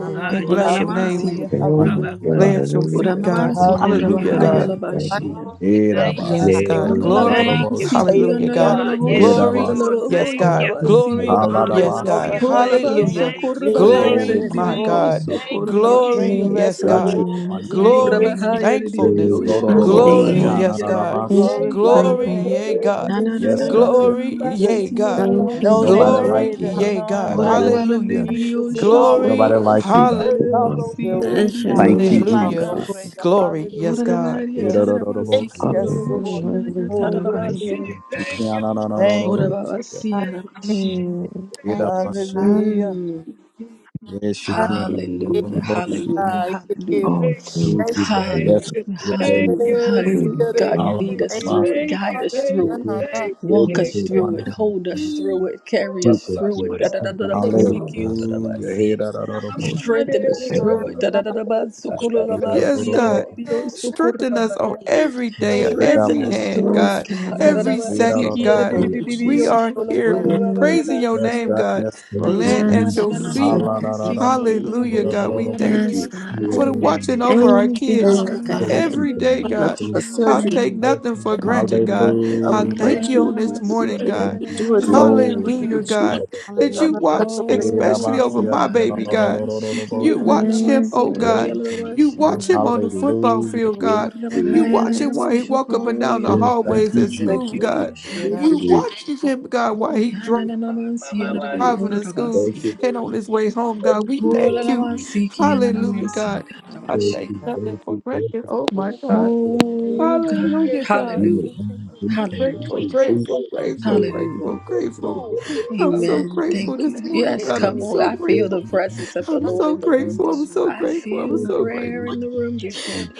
S15: I love
S4: We
S15: you.
S7: Lord.
S4: bless your name. We
S3: Kodanamansi.
S11: hallelujah,
S2: The
S7: Thank you,
S4: we
S2: Lord.
S5: Wonderful
S2: is
S11: hallelujah,
S2: stirring
S4: lay
S5: God.
S2: the
S4: at your
S2: lily of
S4: feet,
S2: the
S4: God.
S2: valley.
S3: Kodanamansu
S7: Thank you,
S5: Mighty
S4: Hallelujah,
S7: Jesus.
S2: You
S11: hallelujah,
S3: Korabahaya
S2: that
S4: God.
S5: God.
S11: Jesus.
S7: Thank
S15: I
S2: brighten
S7: you,
S3: Labashia.
S7: Jesus.
S2: down.
S11: Thank God,
S4: Yes,
S5: Erabasia.
S11: Lord
S4: God.
S7: Glory to
S11: Jesus,
S4: Glory.
S11: for
S2: Thank
S11: Mother
S3: Holalabamansi
S5: Rororobosia.
S11: Tatum's
S4: Hallelujah,
S3: Kiyono
S4: God.
S11: daughter.
S7: you.
S2: you.
S11: Thank
S3: Yalaboshi
S11: you,
S4: Glory.
S5: Erabasia.
S11: Jesus,
S3: Yalabo
S4: Yes, God.
S11: Jesus.
S2: Hallelujah.
S3: Yalabasia.
S4: Glory.
S11: You
S4: Yes,
S11: looked
S7: Hallelujah.
S4: God.
S11: over
S5: Alarabasi.
S11: her. Thank
S3: Holalabanso
S4: Hallelujah.
S11: you,
S15: love you.
S3: Korabahaya
S11: Jesus.
S4: Glory,
S5: Glory,
S11: Yes,
S4: my
S5: glory,
S3: Ledidio
S11: Lord.
S5: glory.
S4: God.
S11: You
S4: Glory.
S11: bring a
S3: Sokorabasia.
S4: Yes,
S7: Hallelujah.
S5: Got
S11: restoration.
S4: God.
S5: you. Wonderful.
S4: Glory.
S11: Jesus,
S3: Kodabahaya
S11: Jesus,
S4: Thankfulness.
S3: Ledidio
S7: Glory.
S11: Jesus,
S4: Glory.
S11: Jesus.
S5: Lororobosia.
S3: Shokolabasi
S16: you,
S4: Yes, God.
S11: We
S5: Narabasi.
S3: Yadaboshi.
S7: Yes,
S11: glorify your
S4: Glory.
S16: Father.
S11: name,
S4: Yea,
S7: Lord.
S4: God.
S3: Na na
S11: Jesus,
S3: na
S5: Yes,
S3: na na
S5: God.
S3: na
S11: Jesus,
S3: na
S5: Yes,
S3: na
S5: God.
S4: Glory.
S3: na
S11: Jesus.
S4: Yea,
S3: City
S4: God.
S16: Thank you,
S11: No name
S5: Nobody
S3: Yalabosia.
S16: Jesus.
S4: Glory.
S5: like you,
S11: greater,
S5: God.
S4: Yea,
S11: none
S4: God.
S11: like
S7: Yes,
S5: Rororobosia.
S3: Horanabana
S11: you,
S4: Hallelujah.
S7: King.
S3: Ledidio
S11: Jesus, in all
S7: Yes,
S11: the
S5: Nobody
S4: Glory.
S11: world.
S7: Lord.
S11: We
S5: like
S11: can
S5: you,
S3: Shokolabasi
S4: Hallelujah.
S5: God.
S11: search all
S7: Hallelujah.
S11: over.
S3: Yalabosia
S15: Hallelujah.
S16: That's your
S3: Ledidio
S5: Thank
S16: name,
S11: Can't
S5: you,
S11: find
S3: Shaya.
S4: Hallelujah.
S11: none
S5: God.
S16: Jesus.
S11: greater.
S4: Glory. Yes,
S11: Hallelujah,
S4: God.
S3: Orabari,
S11: Jesus.
S7: Thank you, thank
S3: Tarabasi,
S7: you,
S5: Erororobosia.
S7: thank
S11: Yes,
S2: Hallelujah.
S16: You're
S7: you,
S11: Lord.
S7: thank
S11: Yes,
S7: you,
S16: worthy,
S3: Yoroboshiya,
S11: Lord. Yes,
S7: thank
S16: Father.
S7: you,
S3: Tarabasi,
S11: Lord. Thank
S5: Yanananananoro.
S2: Hallelujah.
S11: you, Jesus.
S3: Orabasi, Arabashi.
S16: Mm.
S7: thank you, thank
S5: Irabasi.
S11: Hallelujah.
S3: Mm.
S5: Yeshikio.
S3: Hallelujah,
S7: you,
S5: Bosi.
S3: hallelujah,
S7: Lord.
S3: hallelujah,
S2: All
S7: Thank you, Jesus.
S2: truth.
S5: Yes,
S3: hallelujah,
S5: she can. yes.
S3: hallelujah,
S2: Jesus,
S3: hallelujah.
S7: Thank
S3: God, lead
S7: you,
S3: us
S5: Alabas.
S3: through it,
S7: Jesus.
S3: guide us
S7: It
S3: through it,
S7: feels so good
S3: walk
S7: to
S2: yes,
S3: us
S7: say
S3: through
S7: thank
S3: it,
S5: Wonderful.
S7: you
S3: hold
S7: to
S3: us through it, carry us
S7: people
S3: through it.
S7: for a
S2: Lord.
S7: step by step
S3: Da-da-da-da-da-basi,
S2: Amen.
S5: Hallelujah.
S3: Yorobasi.
S7: thank
S5: Hirarorobo.
S7: you, Lord,
S3: Strengthen
S7: for
S3: us through it. Da-da-da-da-basu,
S7: the
S4: Yes,
S3: Kurabasi,
S5: Shirororobo.
S4: God.
S3: Alelio,
S4: Strengthen us on
S3: Sukurabahaya.
S4: every day, on
S7: power
S3: Strengthen
S4: every
S5: Irabas.
S3: us
S4: hand,
S3: through it,
S16: Yes,
S4: God,
S3: God.
S16: Father.
S4: every second, God.
S14: Thank
S5: Irarororobo.
S7: we
S14: you,
S4: We
S7: have
S14: Jesus.
S4: are here
S14: Hallelujah.
S16: Mm.
S4: praising your
S5: Yes,
S4: name,
S3: Da-da-da-ba-siki-ya-da-di-di-di-di-yo-shwa-la-la-ba-ba-ba-ba-ba-ba-siya.
S5: God,
S4: God.
S5: yes.
S7: Thank
S14: Glory
S7: you,
S14: to
S4: Land at
S7: Jesus.
S14: you,
S16: Yes,
S4: your
S14: God.
S4: feet.
S16: Jesus.
S14: Thank
S7: Thank
S14: you, Jesus.
S5: Halarararaba.
S7: you,
S4: Hallelujah,
S7: God.
S4: God. We
S5: Irarororobo.
S4: thank
S16: Yes,
S4: you
S3: Ah-na-na-na-na-na-na-na-ma-siki-ya-la-la-la-wa-siya.
S16: God.
S4: for the
S7: Hallelujah.
S4: watching over
S7: Jesus.
S4: our
S16: Thank you,
S14: Thank
S4: kids
S16: Lord
S14: God.
S7: Thank
S14: Thank you
S16: God.
S7: you,
S4: every
S7: God.
S4: day,
S14: for bringing us
S4: God.
S14: through
S3: Oh-la-la-ma-siki-ya-na-na-na-ma-shu.
S14: her
S7: Thank you,
S4: I
S7: God.
S14: surgery.
S4: take
S16: Mm.
S7: Thank
S4: nothing
S7: you,
S16: Bless
S4: for
S16: your
S7: Jesus.
S4: granted,
S16: name,
S4: God.
S16: Jesus.
S14: God,
S4: I
S14: we
S7: Thank you,
S5: Hallelujah.
S4: thank
S14: praise
S4: you
S14: you.
S4: on
S14: We
S4: this
S14: know you are
S4: morning,
S7: Jesus.
S14: able
S4: God.
S7: Thank
S14: to
S7: you,
S14: do it.
S7: Jesus.
S14: Father,
S5: Glory,
S16: Mm.
S14: you,
S4: Hallelujah,
S5: glory.
S3: Oh-la-la-la-la-la-ma-siki-ya-na-na-na-ma-shu-da-da-ba-ha-ya.
S14: Jesus.
S4: God,
S7: Father,
S4: that
S7: Son,
S4: you
S14: God, I
S7: the
S14: touch
S7: Lord.
S4: watch,
S14: her right
S5: Head
S7: Jesus.
S14: now.
S4: especially over
S3: Oh
S4: my
S5: out of
S3: God.
S5: the
S4: baby,
S5: boat.
S4: God.
S3: da-da-da-ba-siki-ya,
S4: You watch him,
S16: Yes,
S4: oh
S7: Yes,
S4: God.
S16: Father.
S7: Jesus.
S4: You
S7: Yes,
S4: watch him
S3: na-na-na-na-ma-soto-ya-la-la-ba-shandaya.
S4: on the football
S5: Hallelujah.
S4: field,
S7: yes,
S4: God. You
S7: Jesus.
S3: Oh-da-da-ba-ha-ya,
S4: watch him
S16: Yes.
S4: while he walk up and down
S3: da-da-da-ba-shuko-ya,
S4: the
S7: Bless
S5: Thank
S7: him,
S4: hallways
S7: bless
S5: you,
S4: at
S7: him,
S5: Jesus.
S14: Thank
S4: school,
S14: you,
S7: bless
S14: Jesus.
S4: God.
S7: him. Yes,
S14: Thank
S3: da-da-da-ba-kanda-di-di-di-di-yo-shaya.
S14: you,
S4: You
S14: Jesus.
S4: watch him, God, while he dri-
S7: Jesus.
S3: Kanananamansia
S14: Hallelujah.
S4: driving to school
S7: Thank you,
S3: Rabokoravasia.
S4: and
S7: Lord,
S4: on his way home,
S7: for every
S4: God. We thank
S7: detail,
S4: you.
S7: Jesus.
S3: Olalamasiki
S7: Hallelujah.
S4: Hallelujah,
S3: Ananamasa
S4: God. I
S7: Thank
S3: Kananavashia.
S7: you,
S4: take nothing
S7: thank
S4: for
S7: you, thank
S4: granted.
S7: you for
S4: Oh my
S7: being
S4: God.
S3: Oh
S7: a detail.
S3: God.
S4: Hallelujah, God.
S7: You know,
S3: Hallelujah.
S7: I'm grateful. Thank
S3: Hallelujah.
S4: Grateful,
S7: you, Jesus.
S4: grateful,
S7: You know,
S4: grateful,
S7: you know,
S4: grateful,
S3: Hallelujah.
S7: yeah,
S4: grateful.
S7: yeah, Lord.
S4: I'm
S7: Thank
S4: so
S7: you,
S3: Amen.
S4: grateful
S3: Thank
S7: Jesus.
S4: this
S3: you.
S4: morning,
S3: Yes,
S4: God. I'm
S3: come
S7: Lord,
S3: on.
S4: so
S7: thank
S3: I
S7: you,
S3: feel
S7: thank
S4: grateful.
S3: the
S7: you,
S3: presence of the
S4: I'm
S7: thank
S3: Lord
S4: so
S7: you,
S3: in the room
S4: grateful.
S7: Jesus.
S4: I'm
S3: this morning.
S4: so
S3: I
S4: grateful. I'm
S3: feel
S7: Thank
S4: so
S7: you for
S4: grateful.
S3: prayer in
S7: being
S3: the room
S7: kind
S3: this
S7: to
S3: morning.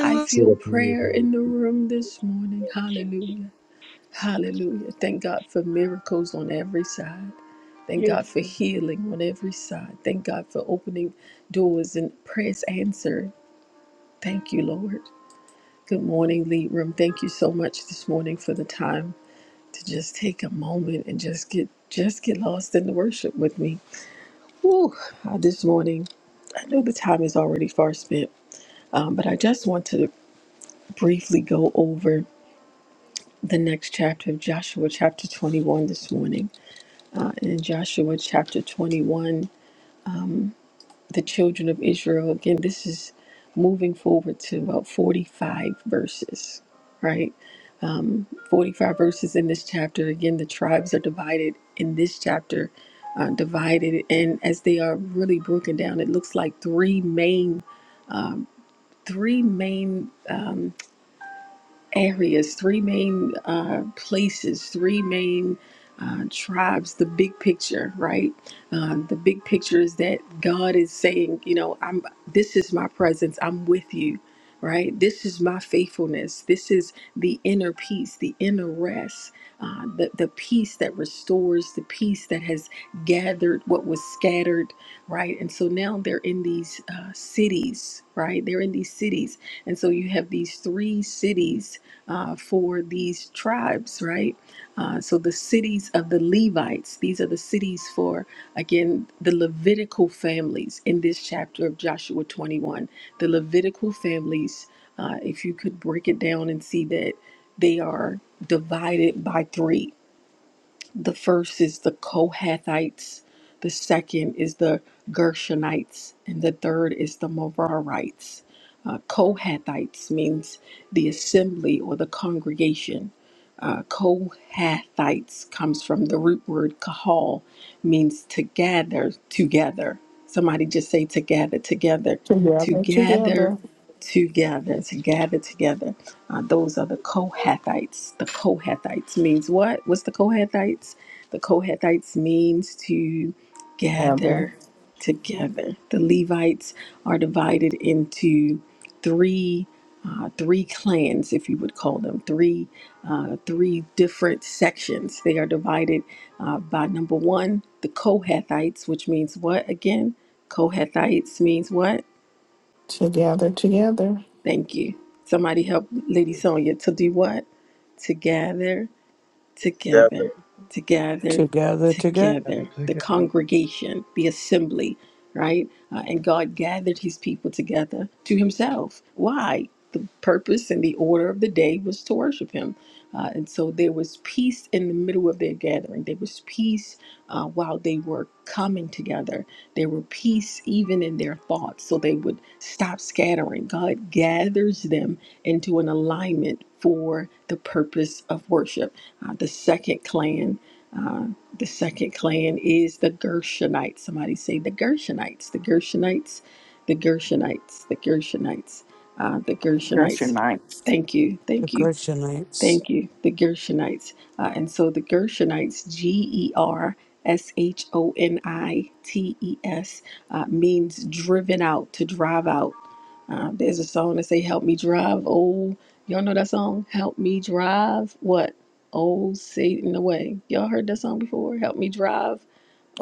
S3: I
S7: sit
S3: feel
S7: upon your
S3: prayer
S7: head
S3: in the room this morning. Hallelujah. Hallelujah. Thank God for miracles on every side. Thank God for healing on every side. Thank God for opening doors and prayers answered. Thank you, Lord. Good morning, Lead Room. Thank you so much this morning for the time to just take a moment and just get just get lost in the worship with me. Woo! Uh, this morning, I know the time is already far spent, um, but I just want to briefly go over the next chapter of Joshua, chapter 21, this morning. in Joshua chapter 21, the children of Israel. Again, this is moving forward to about 45 verses, right? 45 verses in this chapter. Again, the tribes are divided in this chapter, uh, divided. And as they are really brown, it looks like three main, three main areas, three main uh, places, three main uh, picture, right? Uh, That no. This is my presence. I'm with you, right? This is my faithfulness. This is the inner peace, the inner rest, uh, the, the peace that restores, the peace that has gathered what was scattered, right? And so now they're in these uh, cities, right? They're in these cities. And so you have these three cities uh, for these tribes, right? Uh, so the cities of the Levites, these are the cities for Again, the Levitical families in this chapter of Joshua 21, the Levitical families, uh, if you could break it down and see that they are divided by three the first is the Kohathites, the second is the Gershonites, and the third is the Merarites. Uh, Kohathites means the assembly or the congregation. Uh, Kohathites comes from the root word kahal, means to gather together. Somebody just say to gather together, to
S12: Together,
S3: gather
S12: together,
S3: together, to gather together. Uh, those are the Kohathites. The Kohathites means what? What's the Kohathites? The Kohathites means to
S12: together,
S3: gather together. The Levites are divided into three uh, three clans, if you would call them three uh, three different sections. They are divided uh, by number one, the Kohathites, which means what again? Kohathites means what?
S12: together, together.
S3: Thank you. Somebody help Lady
S7: to-
S3: Sonia to do what? To gather
S7: together.
S3: together, together,
S4: Together, together,
S1: Gather
S3: together. The
S1: together.
S3: congregation, the assembly, right? Uh, and God gathered his people together to himself. Why? The purpose and the order of the day was to worship him. Uh, and so there was peace in the middle of their gathering. There was peace uh, while they were coming together. There were peace even in their thoughts, so they would stop scattering. God gathers them into an alignment for the purpose of worship uh, the second clan, uh, the second clan is the Gershonites. Somebody say the Gershonites, the Gershonites, the Gershonites, the Gershonites, uh, the
S12: That's your
S3: Gershonites.
S12: nights.
S3: Thank you,
S4: the
S3: thank you
S4: Christianites.
S3: Thank you. The Gershonites. Uh, and so the Gershonites, G E R S H O N I T E S, uh, means driven out, to drive out. Uh, there's a song that say, Help me drive. Oh, y'all know that song? Help me drive what? Oh, Satan away. Y'all heard that song before? Help me drive.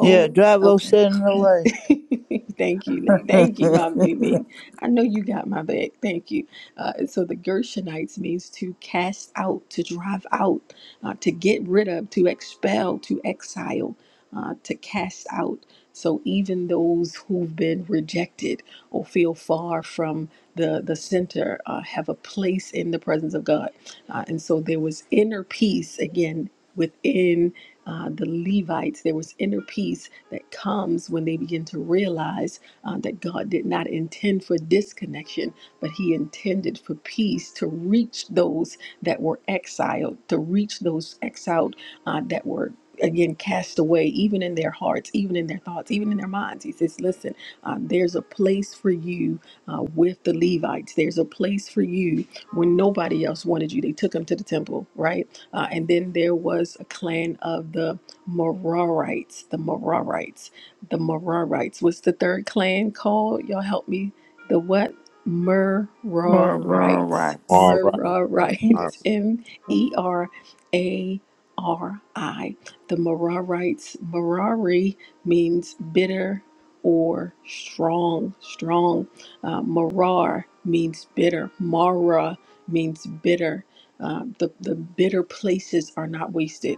S11: Yeah, drive
S3: okay.
S11: us in the
S3: Thank you. Lee. Thank you,
S11: way.
S3: Mama Mimi. I know you got my back. Thank you. Uh, so the Gershonites means to cast out, to drive out, uh, to get rid of, to expel, to exile, uh, to cast out. So even those who've been rejected or feel far from the, the center uh, have a place in the presence of God. Uh, and so there was inner peace again within uh, the Levites. There was inner peace that comes when they begin to realize uh, that God did not intend for disconnection, but He intended for peace to reach those that were exiled, to reach those exiled uh, that were. Again, cast away, even in their hearts, even in their thoughts, even in their minds. He says, Listen, uh, there's a place for you uh, with the Levites. There's a place for you when nobody else wanted you. They took them to the temple, right? Uh, and then there was a clan of the Merarites, the Merarites, the Merarites. What's the third clan called? Y'all help me. The what?
S12: More
S3: Merarites,
S12: rural rights.
S10: All right. All right.
S3: Merarites, M E R A R I. The Merarites, Merari means bitter or strong, strong. Uh, Merar means bitter. Mara means bitter. Uh, the, the bitter places are not wasted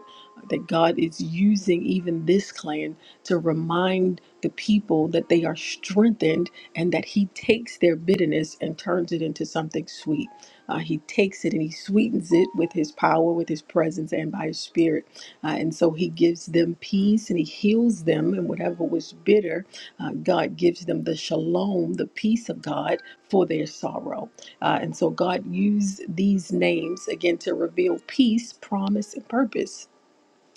S3: that God is using even this clan to remind the people that they are strengthened and that He takes their bitterness and turns it into something sweet. Uh, he takes it and He sweetens it with His power, with His presence, and by His Spirit. Uh, and so He gives them peace and He heals them. And whatever was bitter, uh, God gives them the shalom, the peace of God for their sorrow. Uh, and so God used these names again to reveal peace, promise, and purpose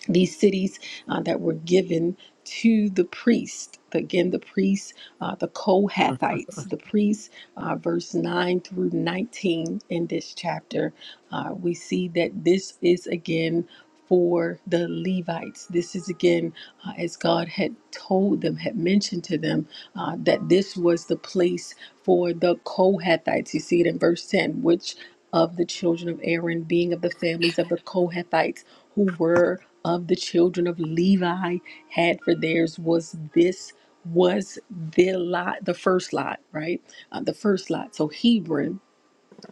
S3: these cities uh, that were given to the priest. Again, the priests, uh, the Kohathites, the priests, uh, verse 9 through 19 in this chapter, uh, we see that this is again for the Levites. This is again, uh, as God had told them, had mentioned to them, uh, that this was the place for the Kohathites. You see it in verse 10, which of the children of Aaron, being of the families of the Kohathites, who were of the children of Levi had for theirs was this was the lot the first lot right uh, the first lot so Hebron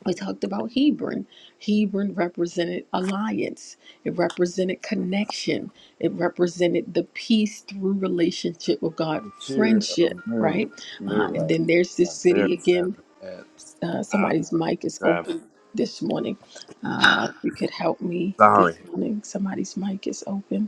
S3: we talked about Hebron Hebron represented alliance it represented connection it represented the peace through relationship with God
S10: Material
S3: friendship
S10: of mir-
S3: right uh,
S10: mirror.
S3: and then there's this city
S10: There's
S3: again
S10: that.
S3: uh, somebody's mic is open this morning uh, if you could help me this morning somebody's mic is open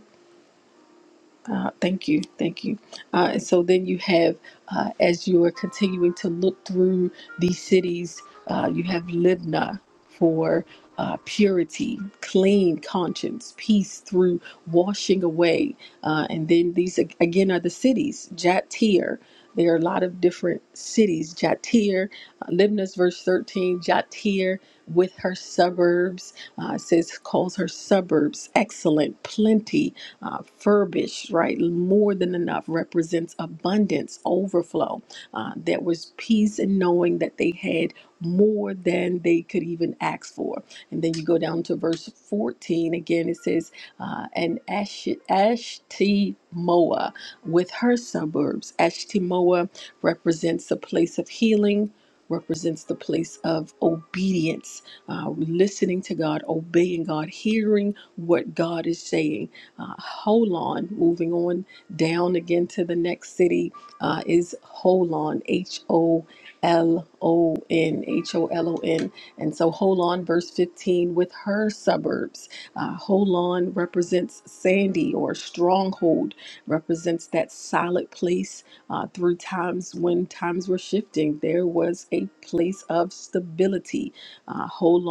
S3: uh, thank you, thank you. Uh, and so then you have, uh, as you are continuing to look through these cities, uh, you have Libna for uh, purity, clean conscience, peace through washing away. Uh, and then these ag- again are the cities, Jatir. There are a lot of different cities. Jatir, uh, Libna's verse 13, Jatir with her suburbs, uh, it says, calls her suburbs excellent, plenty, uh, furbish, right? More than enough represents abundance, overflow. Uh, there was peace in knowing that they had more than they could even ask for. And then you go down to verse 14 again, it says, uh, and Ash- Ashtimoa with her suburbs. Ashtimoa represents the place of healing. Represents the place of obedience, uh, listening to God, obeying God, hearing what God is saying uh, Holon, moving on down again to the next city, uh, is Holon, H O L O N, H O L O N. And so Holon, verse 15, with her suburbs. Uh, Holon represents Sandy or stronghold, represents that solid place uh, through times when times were shifting. There was a place of stability uh, hold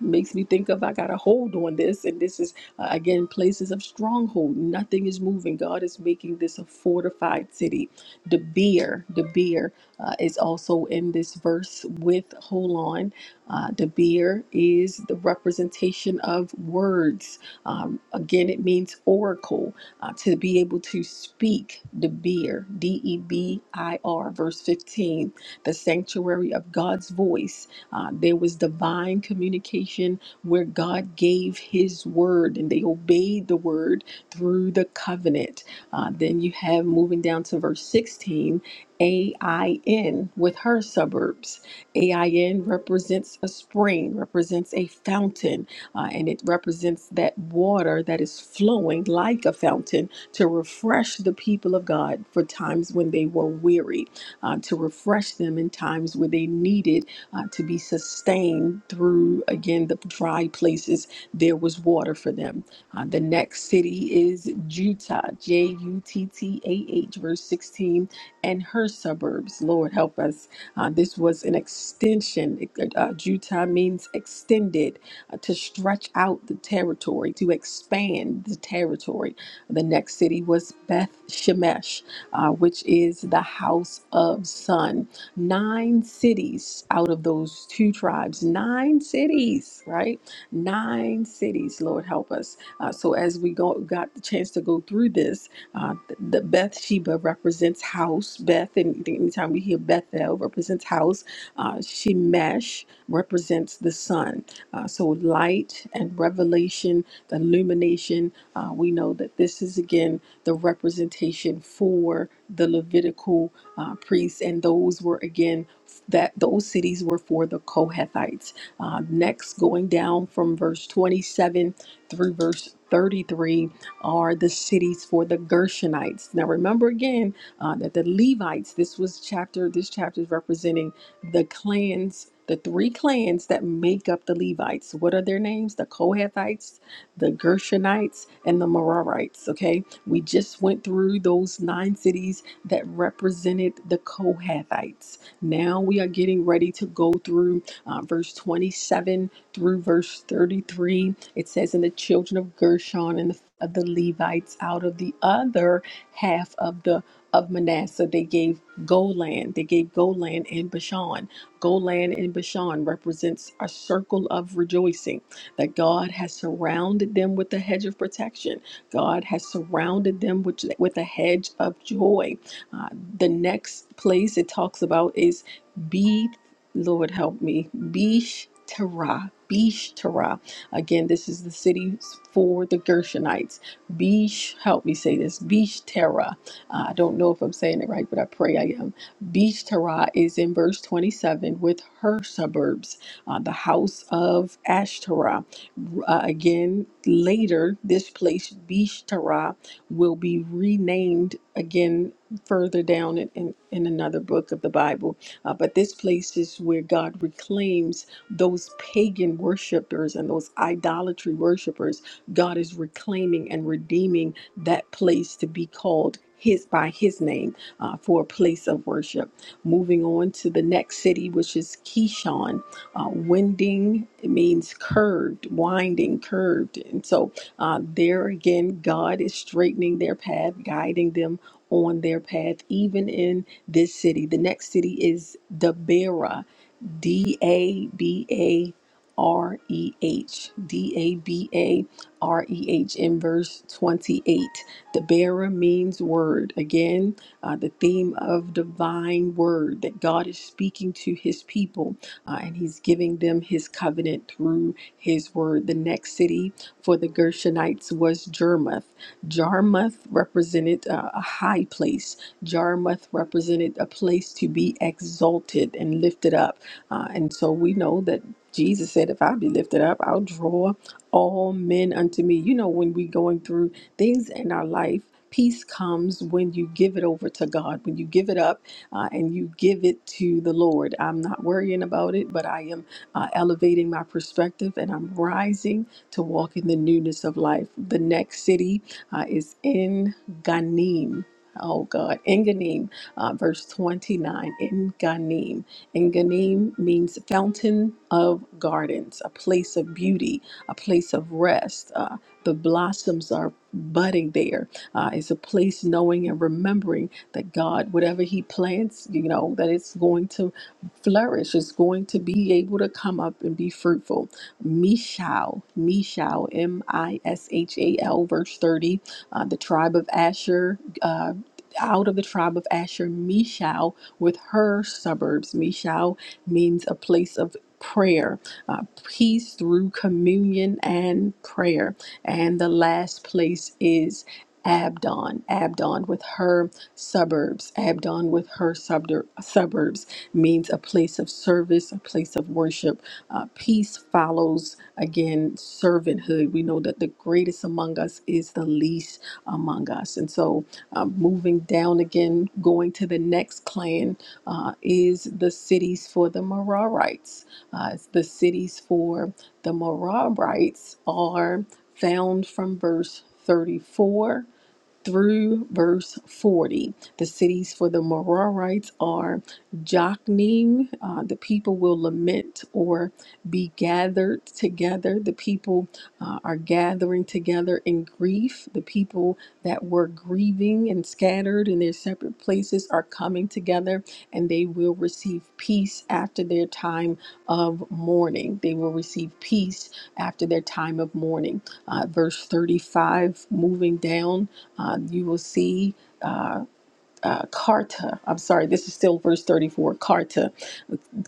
S3: makes me think of I got a hold on this, and this is uh, again, places of stronghold. Nothing is moving. God is making this a fortified city. The beer, the beer uh, is also in this verse with hold on. Uh, the beer is the representation of words. Um, again, it means oracle uh, to be able to speak. The beer, D E B I R, verse 15, the sanctuary of God's voice. Uh, there was divine communication where God gave his word and they obeyed the word through the covenant. Uh, then you have moving down to verse 16, AIN with her suburbs. AIN represents a spring, represents a fountain, uh, and it represents that water that is flowing like a fountain to refresh the people of God for times when they were weary, uh, to refresh them in times where they needed uh, to be sustained through, again, the dry places. There was water for them. Uh, the next city is Juttah, J U T T A H, verse 16, and her suburbs. Lord, help us. Uh, this was an extension. Uh, Juttah means extended, uh, to stretch out the territory, to expand the territory. The next city was Beth Shemesh, uh, which is the house of sun. Nine cities out of those two tribes, nine cities, right? Nine cities, Lord help us. Uh, so as we go, got the chance to go through this, uh, th- the Bathsheba represents house. Beth, and anytime we hear Bethel, represents house. Uh, Shemesh represents the sun. Uh, so light and revelation, the illumination. Uh, we know that this is again the representation for the Levitical uh, priests, and those were again that those cities were for the Kohathites. Uh, next, going down from verse 27 through verse 33 are the cities for the Gershonites. Now, remember again uh, that the Levites. This was chapter. This chapter is representing the clans. The three clans that make up the Levites. What are their names? The Kohathites, the Gershonites, and the Merarites. Okay, we just went through those nine cities that represented the Kohathites. Now we are getting ready to go through uh, verse 27 through verse 33. It says, And the children of Gershon and the, of the Levites out of the other half of the of Manasseh, they gave Golan, they gave Golan and Bashan. Golan and Bashan represents a circle of rejoicing that God has surrounded them with a hedge of protection. God has surrounded them with, with a hedge of joy. Uh, the next place it talks about is be, Lord help me, Bish Terah. Bish Terah. Again, this is the city for the Gershonites. Beesh. help me say this, Bish Terah. Uh, I don't know if I'm saying it right, but I pray I am. Bish Terah is in verse 27 with her suburbs, uh, the house of Ashtoreth. Uh, again, later, this place, Bish Terah, will be renamed again further down in, in, in another book of the Bible. Uh, but this place is where God reclaims those pagan worshipers and those idolatry worshipers. God is reclaiming and redeeming that place to be called his by his name uh, for a place of worship moving on to the next city which is kishon uh, winding means curved winding curved and so uh, there again god is straightening their path guiding them on their path, even in this city. The next city is Dabera. D A B A R E H. D A B A R E H in verse 28. The bearer means word. Again, uh, the theme of divine word that God is speaking to his people uh, and he's giving them his covenant through his word. The next city for the Gershonites was Jarmuth. Jarmuth represented uh, a high place, Jarmuth represented a place to be exalted and lifted up. Uh, and so we know that Jesus said, If I be lifted up, I'll draw all men unto me. You know, when we're going through things in our life, peace comes when you give it over to God, when you give it up uh, and you give it to the Lord. I'm not worrying about it, but I am uh, elevating my perspective and I'm rising to walk in the newness of life. The next city uh, is in Ganim. Oh God, in Ganim, uh, verse 29, in Ganim. And Ganim means fountain of gardens, a place of beauty, a place of rest. Uh, the blossoms are budding there. Uh, it's a place knowing and remembering that God, whatever He plants, you know, that it's going to flourish, it's going to be able to come up and be fruitful. Mishal, Mishal, M I S H A L, verse 30, uh, the tribe of Asher. Uh, out of the tribe of Asher, Mishal with her suburbs. Mishal means a place of prayer, uh, peace through communion and prayer. And the last place is Abdon, Abdon with her suburbs. Abdon with her subder- suburbs means a place of service, a place of worship. Uh, peace follows, again, servanthood. We know that the greatest among us is the least among us. And so um, moving down again, going to the next clan uh, is the cities for the Merarites. Uh, it's the cities for the Merarites are found from verse 34 through verse 40. The cities for the Merarites are Jokneam. Uh, the people will lament or be gathered together. The people uh, are gathering together in grief. The people that were grieving and scattered in their separate places are coming together and they will receive peace after their time of mourning. They will receive peace after their time of mourning. Uh, verse 35, moving down uh, you will see uh, uh, Karta. I'm sorry, this is still verse 34. Karta.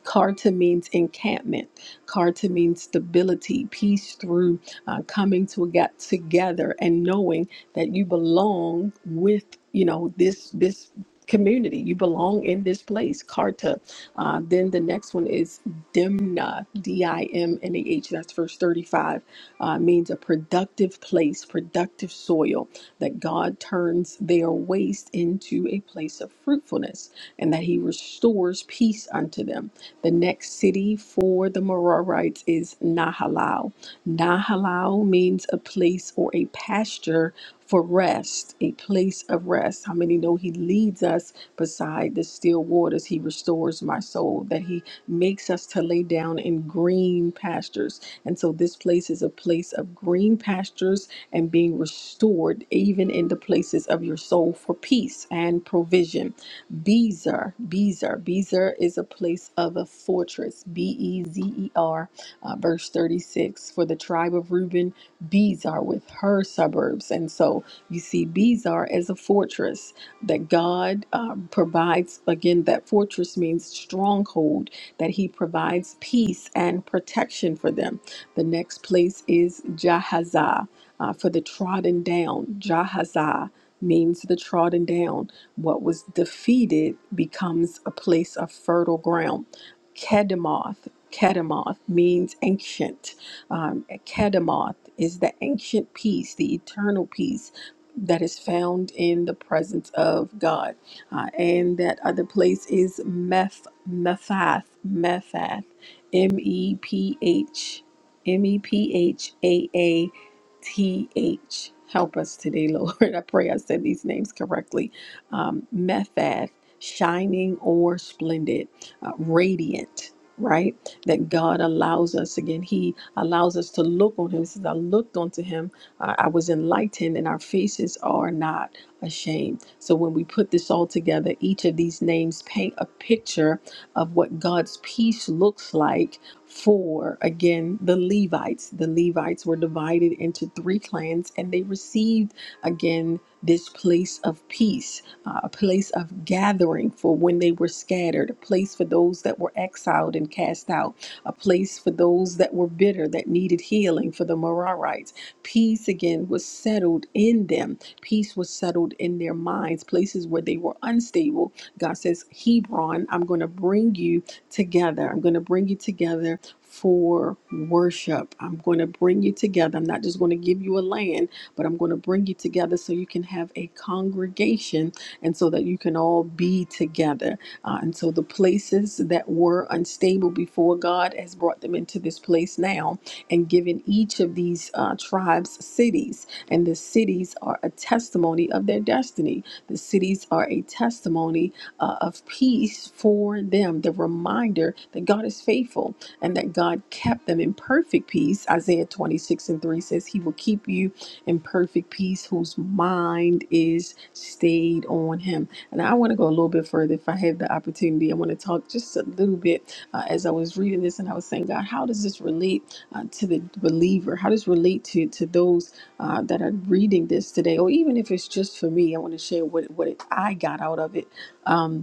S3: Karta means encampment. Karta means stability, peace through uh, coming to get together and knowing that you belong with, you know, this this community. You belong in this place. Karta. Uh, then the next one is Dimna. D-I-M-N-A-H. That's verse 35. Uh, means a productive place, productive soil that God turns their waste into a place of fruitfulness and that he restores peace unto them. The next city for the Merarites is Nahalal. Nahalal means a place or a pasture for rest, a place of rest. How many know he leads us beside the still waters? He restores my soul, that he makes us to lay down in green pastures. And so this place is a place of green pastures and being restored even in the places of your soul for peace and provision. Bezer, Bezer, Bezer is a place of a fortress. B E Z E R, uh, verse 36. For the tribe of Reuben, Bezer with her suburbs. And so you see Bezer as a fortress that God um, provides. Again, that fortress means stronghold, that He provides peace and protection for them. The next place is Jahaza uh, for the trodden down. Jahazah means the trodden down. What was defeated becomes a place of fertile ground. Kedemoth, Kedemoth means ancient. Um, Kedemoth is the ancient peace, the eternal peace that is found in the presence of God. Uh, and that other place is Meph, Mephath, Mephath, M E P H. M E P H A A T H. T-H. Help us today, Lord. I pray I said these names correctly. Um, Mephath, shining or splendid, uh, radiant, right? That God allows us again. He allows us to look on Him. He says, I looked unto Him, uh, I was enlightened, and our faces are not ashamed. So when we put this all together, each of these names paint a picture of what God's peace looks like for again the Levites. The Levites were divided into three clans and they received again this place of peace, uh, a place of gathering for when they were scattered, a place for those that were exiled and cast out, a place for those that were bitter that needed healing for the Merarites. Peace again was settled in them, peace was settled in their minds, places where they were unstable. God says, Hebron, I'm going to bring you together. I'm going to bring you together for worship. I'm going to bring you together. I'm not just going to give you a land, but I'm going to bring you together so you can have a congregation and so that you can all be together. Uh, and so the places that were unstable before God has brought them into this place now and given each of these uh, tribes cities. And the cities are a testimony of their destiny. The cities are a testimony uh, of peace for them, the reminder that God is faithful and that God kept them in perfect peace. Isaiah 26 and 3 says, He will keep you in perfect peace whose mind is stayed on Him. And I want to go a little bit further if I have the opportunity. I want to talk just a little bit uh, as I was reading this and I was saying, God, how does this relate uh, to the believer? How does it relate to, to those uh, that are reading this today? Or even if it's just for me, I want to share what, what I got out of it. Um,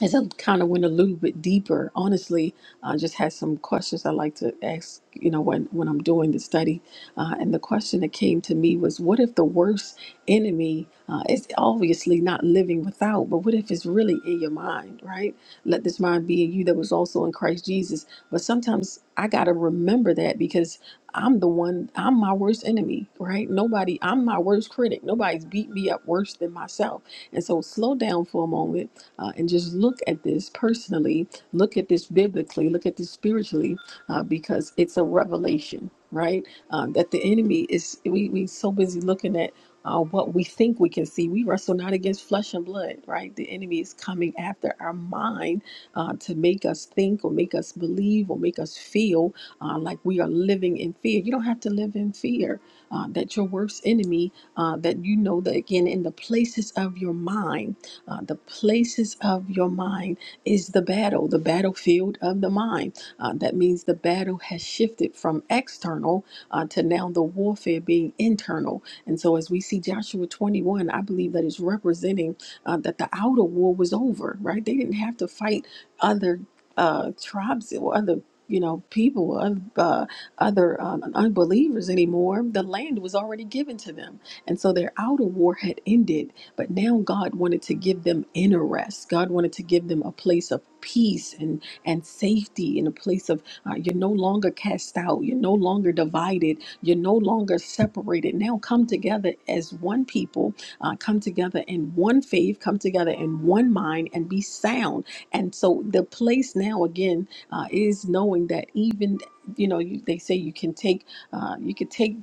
S3: as I kind of went a little bit deeper, honestly, I just had some questions I like to ask, you know, when, when I'm doing the study. Uh, and the question that came to me was what if the worst enemy uh, is obviously not living without, but what if it's really in your mind, right? Let this mind be in you that was also in Christ Jesus. But sometimes I got to remember that because I'm the one, I'm my worst enemy, right? Nobody, I'm my worst critic. Nobody's beat me up worse than myself. And so slow down for a moment uh, and just look at this personally, look at this biblically, look at this spiritually, uh, because it's a revelation, right? Um, that the enemy is, we, we so busy looking at uh, what we think we can see. We wrestle not against flesh and blood, right? The enemy is coming after our mind uh, to make us think or make us believe or make us feel uh, like we are living in fear. You don't have to live in fear. Uh, that your worst enemy, uh, that you know that again in the places of your mind uh, the places of your mind is the battle, the battlefield of the mind. Uh, that means the battle has shifted from external uh, to now the warfare being internal. And so, as we see Joshua 21, I believe that is representing uh, that the outer war was over, right? They didn't have to fight other uh, tribes or other. You know, people of uh, other um, unbelievers anymore. The land was already given to them. And so their outer war had ended but now God wanted to give them inner rest. God wanted to give them a place of peace and, and safety in a place of uh, you're no longer cast out. You're no longer divided. You're no longer separated. Now come together as one people, uh, come together in one faith, come together in one mind and be sound. And so the place now again uh, is knowing that even, you know, you, they say you can take uh, you can take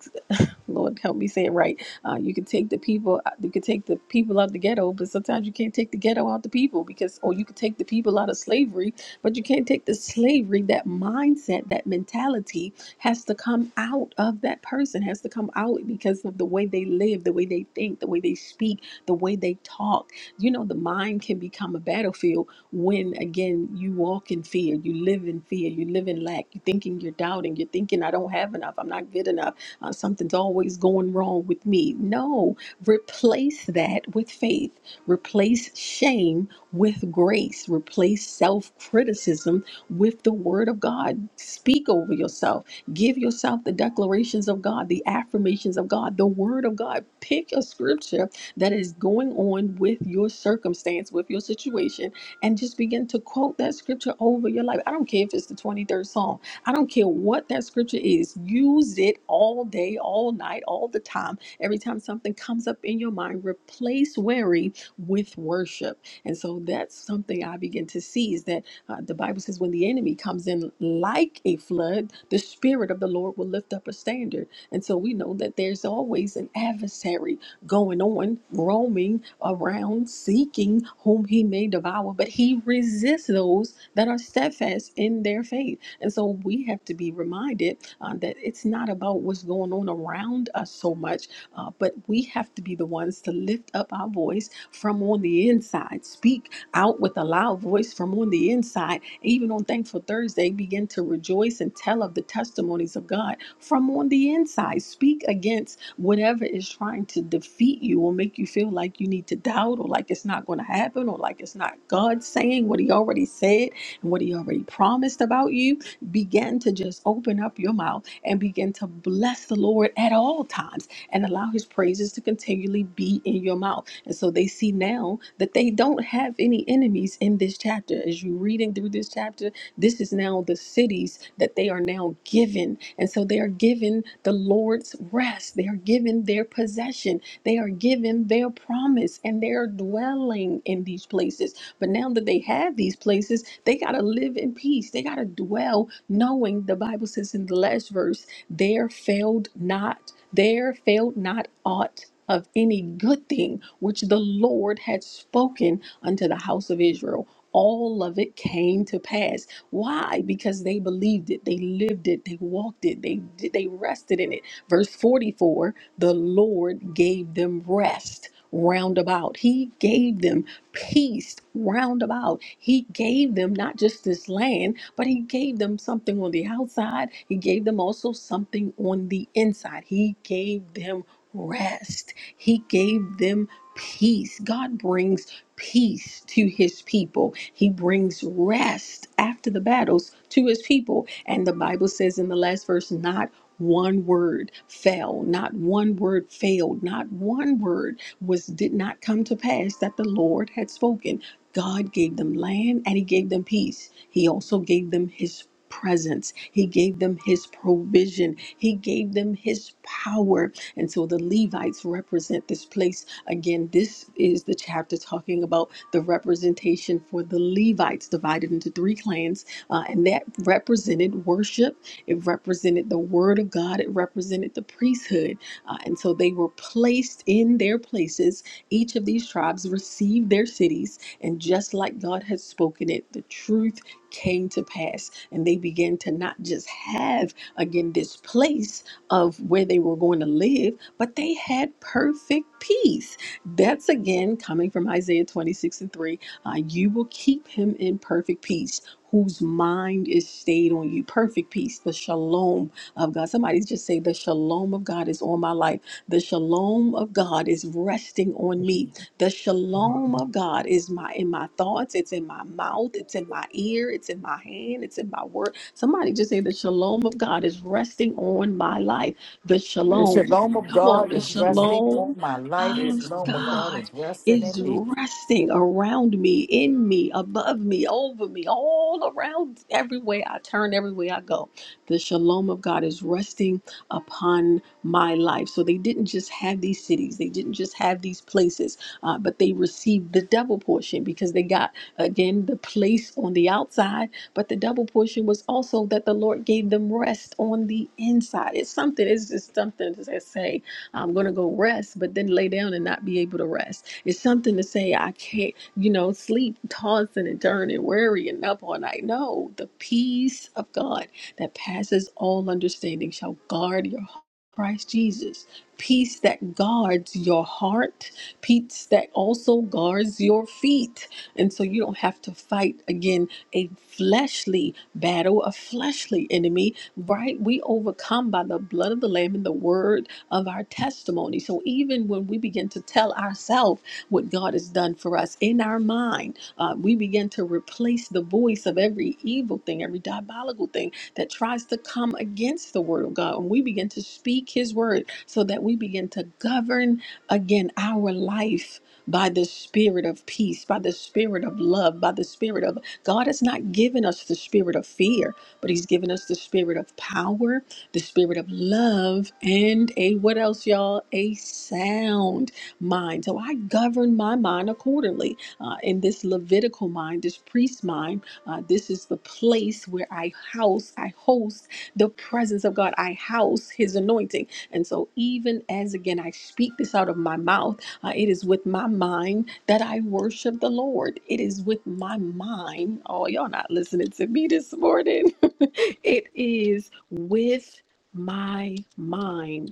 S3: Lord, help me say it right. Uh, you can take the people, uh, you can take the people out the ghetto, but sometimes you can't take the ghetto out the people because, or you can take the people out of slavery, but you can't take the slavery. That mindset, that mentality, has to come out of that person. Has to come out because of the way they live, the way they think, the way they speak, the way they talk. You know, the mind can become a battlefield when again you walk in fear you live in fear you live in lack you're thinking you're doubting you're thinking i don't have enough i'm not good enough uh, something's always going wrong with me. No, replace that with faith. Replace shame with grace. Replace self criticism with the word of God. Speak over yourself. Give yourself the declarations of God, the affirmations of God, the word of God. Pick a scripture that is going on with your circumstance, with your situation, and just begin to quote that scripture over your life. I don't care if it's the 23rd Psalm. I don't care what that scripture is. Use it all day, all night, all the time. Every time something comes up in your mind, replace worry with worship. And so that's something I begin to see is that uh, the Bible says when the enemy comes in like a flood, the spirit of the Lord will lift up a standard. And so we know that there's always an adversary going on, roaming around, seeking whom he may devour, but he resists those that are steadfast in their faith. And so we have to be reminded uh, that it's not about what's going on around us so much, uh, but we have to be the ones to lift up our voice from on the inside, speak out with a loud voice from on the inside. Even on Thankful Thursday, begin to rejoice and tell of the testimonies of God from on the inside. Speak against whatever is trying to defeat you or make you feel like you need to doubt or like it's not going to happen or like it's not God saying what He already said and what He already promised about you Begin to just open up your mouth and begin to bless the Lord at all times and allow his praises to continually be in your mouth. And so they see now that they don't have any enemies in this chapter. As you're reading through this chapter, this is now the cities that they are now given. And so they are given the Lord's rest, they are given their possession, they are given their promise, and they are dwelling in these places. But now that they have these places, they got to live in peace, they got to dwell knowing the Bible says in the last verse, there failed not, there failed not aught of any good thing which the Lord had spoken unto the house of Israel. All of it came to pass. Why? Because they believed it, they lived it, they walked it, they they rested in it. Verse 44, the Lord gave them rest round about. He gave them peace round about. He gave them not just this land, but He gave them something on the outside. He gave them also something on the inside. He gave them rest. He gave them peace. God brings peace to His people, He brings rest after the battles to His people. And the Bible says in the last verse, not one word fell, not one word failed, not one word was did not come to pass that the Lord had spoken. God gave them land and he gave them peace. He also gave them his presence. He gave them his provision. He gave them his power. And so the Levites represent this place. Again, this is the chapter talking about the representation for the Levites divided into three clans. uh, and that represented worship. It represented the word of God. It represented the priesthood. Uh, and so they were placed in their places. Each of these tribes received their cities. And just like God had spoken it, the truth came to pass. And they began to not just have, again, this place of where they were going to live, but they had perfect peace. That's again coming from Isaiah 26 and 3. Uh, you will keep him in perfect peace. Whose mind is stayed on you. Perfect peace, the shalom of God. Somebody just say, The shalom of God is on my life. The shalom of God is resting on me. The
S1: Shalom,
S3: shalom of God is my in my thoughts, it's in my mouth, it's in my ear, it's in my hand, it's in my word. Somebody just say, The shalom of God is resting on my life. The
S13: The
S3: shalom.
S13: shalom of
S3: Come on,
S13: God
S3: the
S13: is
S1: shalom,
S13: resting
S3: shalom
S13: on my life, the
S3: of
S1: in
S13: shalom
S1: my
S13: of
S1: life.
S13: God
S3: God
S13: is resting in
S3: is
S13: me.
S3: resting around me, in me, above me, over me, all around, everywhere I turn, everywhere I go. The shalom of God is resting upon my life. So they didn't just have these cities, they didn't just have these places, uh, but they received the double portion because they got, again, the place on the outside, but the double portion was also that the Lord gave them rest on the inside. It's something, it's just something to say, I'm going to go rest, but then lay down and not be able to rest. It's something to say, I can't, you know, sleep, tossing and turning, worrying up all night. No, the peace of God that passes all understanding shall guard your heart. Christ Jesus. Peace that guards your heart, peace that also guards your feet. And so you don't have to fight again a fleshly battle, a fleshly enemy, right? We overcome by the blood of the Lamb and the word of our testimony. So even when we begin to tell ourselves what God has done for us in our mind, uh, we begin to replace the voice of every evil thing, every diabolical thing that tries to come against the word of God. When we begin to speak his word so that we begin to govern again our life by the spirit of peace, by the spirit of love, by the spirit of God has not given us the spirit of fear, but he's given us the spirit of power, the spirit of love, and a what else, y'all? A sound mind. So I govern my mind accordingly. Uh, in this Levitical mind, this priest mind, uh, this is the place where I house, I host the presence of God. I house His anointing. And so, even as again, I speak this out of my mouth, uh, it is with my mind that I worship the Lord. It is with my mind. Oh, y'all not listening to me this morning. it is with my mind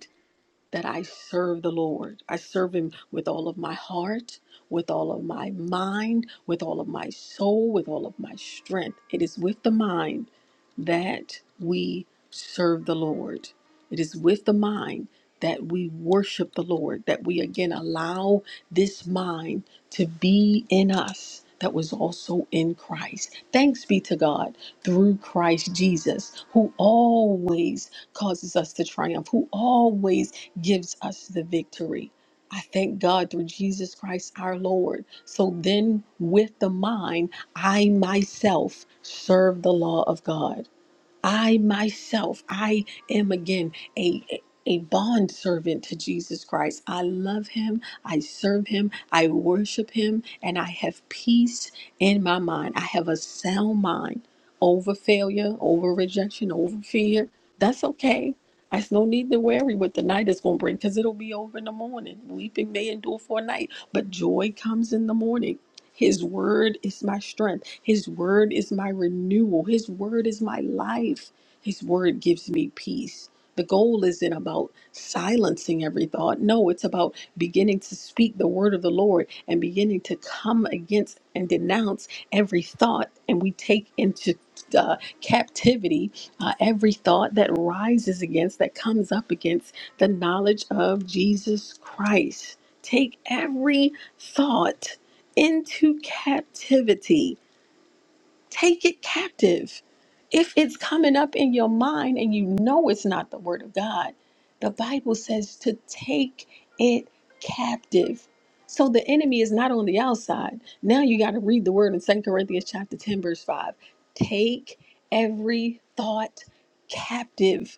S3: that I serve the Lord. I serve Him with all of my heart, with all of my mind, with all of my soul, with all of my strength. It is with the mind that we serve the Lord. It is with the mind that we worship the Lord, that we again allow this mind to be in us. That was also in Christ. Thanks be to God through Christ Jesus, who always causes us to triumph, who always gives us the victory. I thank God through Jesus Christ our Lord. So then, with the mind, I myself serve the law of God. I myself, I am again a a bond servant to Jesus Christ. I love him, I serve him, I worship him, and I have peace in my mind. I have a sound mind over failure, over rejection, over fear. That's okay. There's no need to worry what the night is going to bring because it'll be over in the morning. Weeping may endure for a night, but joy comes in the morning. His word is my strength. His word is my renewal. His word is my life. His word gives me peace. The goal isn't about silencing every thought. No, it's about beginning to speak the word of the Lord and beginning to come against and denounce every thought. And we take into uh, captivity uh, every thought that rises against, that comes up against the knowledge of Jesus Christ. Take every thought into captivity. Take it captive. If it's coming up in your mind and you know it's not the word of God, the Bible says to take it captive. So the enemy is not on the outside. Now you got to read the word in Second Corinthians chapter 10 verse 5. Take every thought captive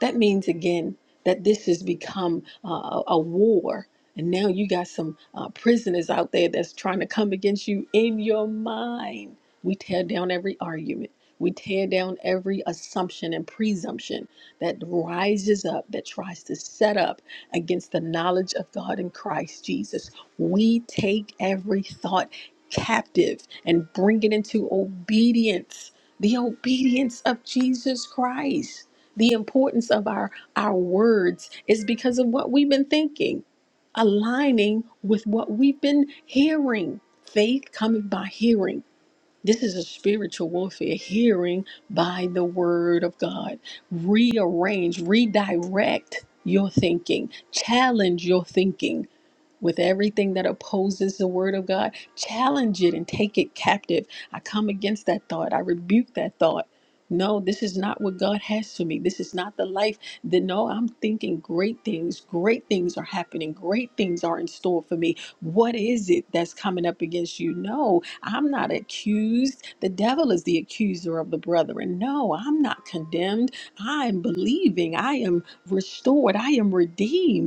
S3: that means again that this has become uh, a a war. And now you got some uh, prisoners out there that's trying to come against you in your mind. We tear down every argument. We tear down every assumption and presumption that rises up, that tries to set up against the knowledge of God in Christ Jesus. We take every thought captive and bring it into obedience, the obedience of Jesus Christ the importance of our our words is because of what we've been thinking aligning with what we've been hearing faith coming by hearing this is a spiritual warfare hearing by the word of god rearrange redirect your thinking challenge your thinking with everything that opposes the word of God. Challenge it and take it captive. I come against that thought. I rebuke that thought. No, this is not what God has for me. This is not the life that no, I'm thinking great things. Great things are happening. Great things are in store for me. What is it that's coming up against you? No, I'm not accused. The devil is the accuser of the brethren. No, I'm not condemned. I'm believing. I am restored. I am redeemed.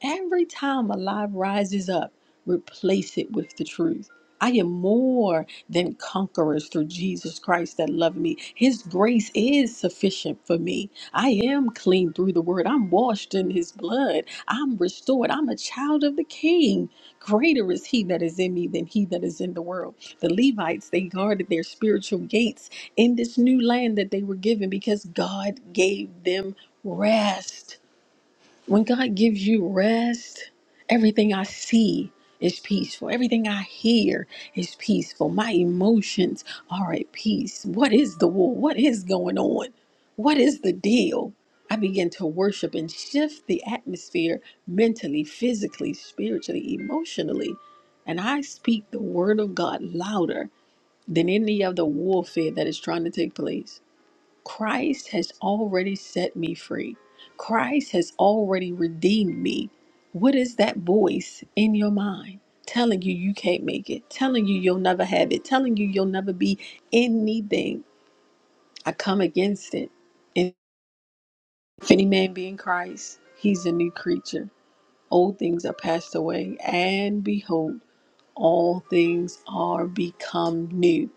S3: Every time a lie rises up, replace it with the truth. I am more than conquerors through Jesus Christ that loved me. His grace is sufficient for me. I am clean through the word. I'm washed in his blood. I'm restored. I'm a child of the king. Greater is he that is in me than he that is in the world. The Levites, they guarded their spiritual gates in this new land that they were given because God gave them rest. When God gives you rest, everything I see is peaceful. Everything I hear is peaceful. My emotions are at peace. What is the war? What is going on? What is the deal? I begin to worship and shift the atmosphere mentally, physically, spiritually, emotionally. And I speak the God louder of the warfare that is trying to take place. Christ has already set me free. Christ has already redeemed me. What is that voice in your mind telling you you can't make it, telling you you'll never have it, telling you you'll never be anything? I come against it. And If any man be in Christ, he's a new creature. Old things are passed away, and behold, all things are become new.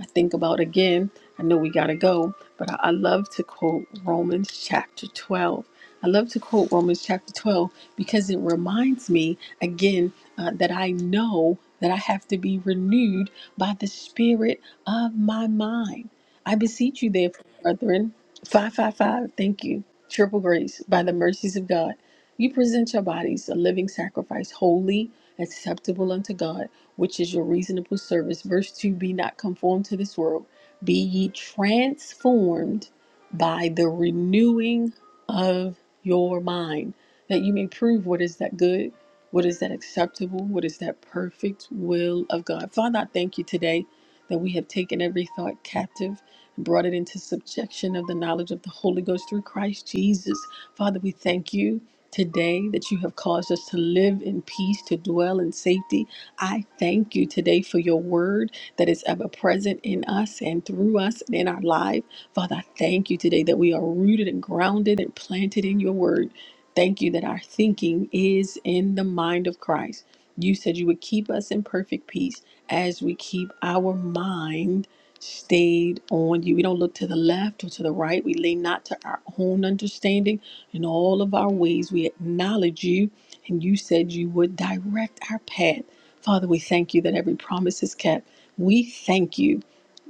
S3: I think about again, I know we got to go, but I, I love to quote Romans chapter 12. I love to quote Romans chapter 12 because it reminds me again uh, that I know that I have to be renewed by the spirit of my mind. I beseech you, therefore, brethren, 555, thank you, triple grace, by the mercies of God, you present your bodies a living sacrifice, holy, acceptable unto God which is your reasonable service. Verse 2 Be not conformed to this world, be ye transformed by the renewing of your mind, that you may prove what is that good, what is that acceptable, what is that perfect will of God. Father, I thank you today that we have taken every thought captive and brought it into subjection of the knowledge of the Holy Ghost through Christ Jesus. Father, we thank you today that you have caused us to live in peace, to dwell in safety, I thank you today for your word that is ever present in us and through us and in our life. Father, I thank you today that we are rooted and grounded and planted in your word. Thank you that our thinking is in the mind of Christ. You said you would keep us in perfect peace as we keep our mind stayed on you. We don't look to the left or to the right. We lean not to our own understanding. In all of our ways, we acknowledge you. And you said you would direct our path. Father, we thank you that every promise is kept. We thank you,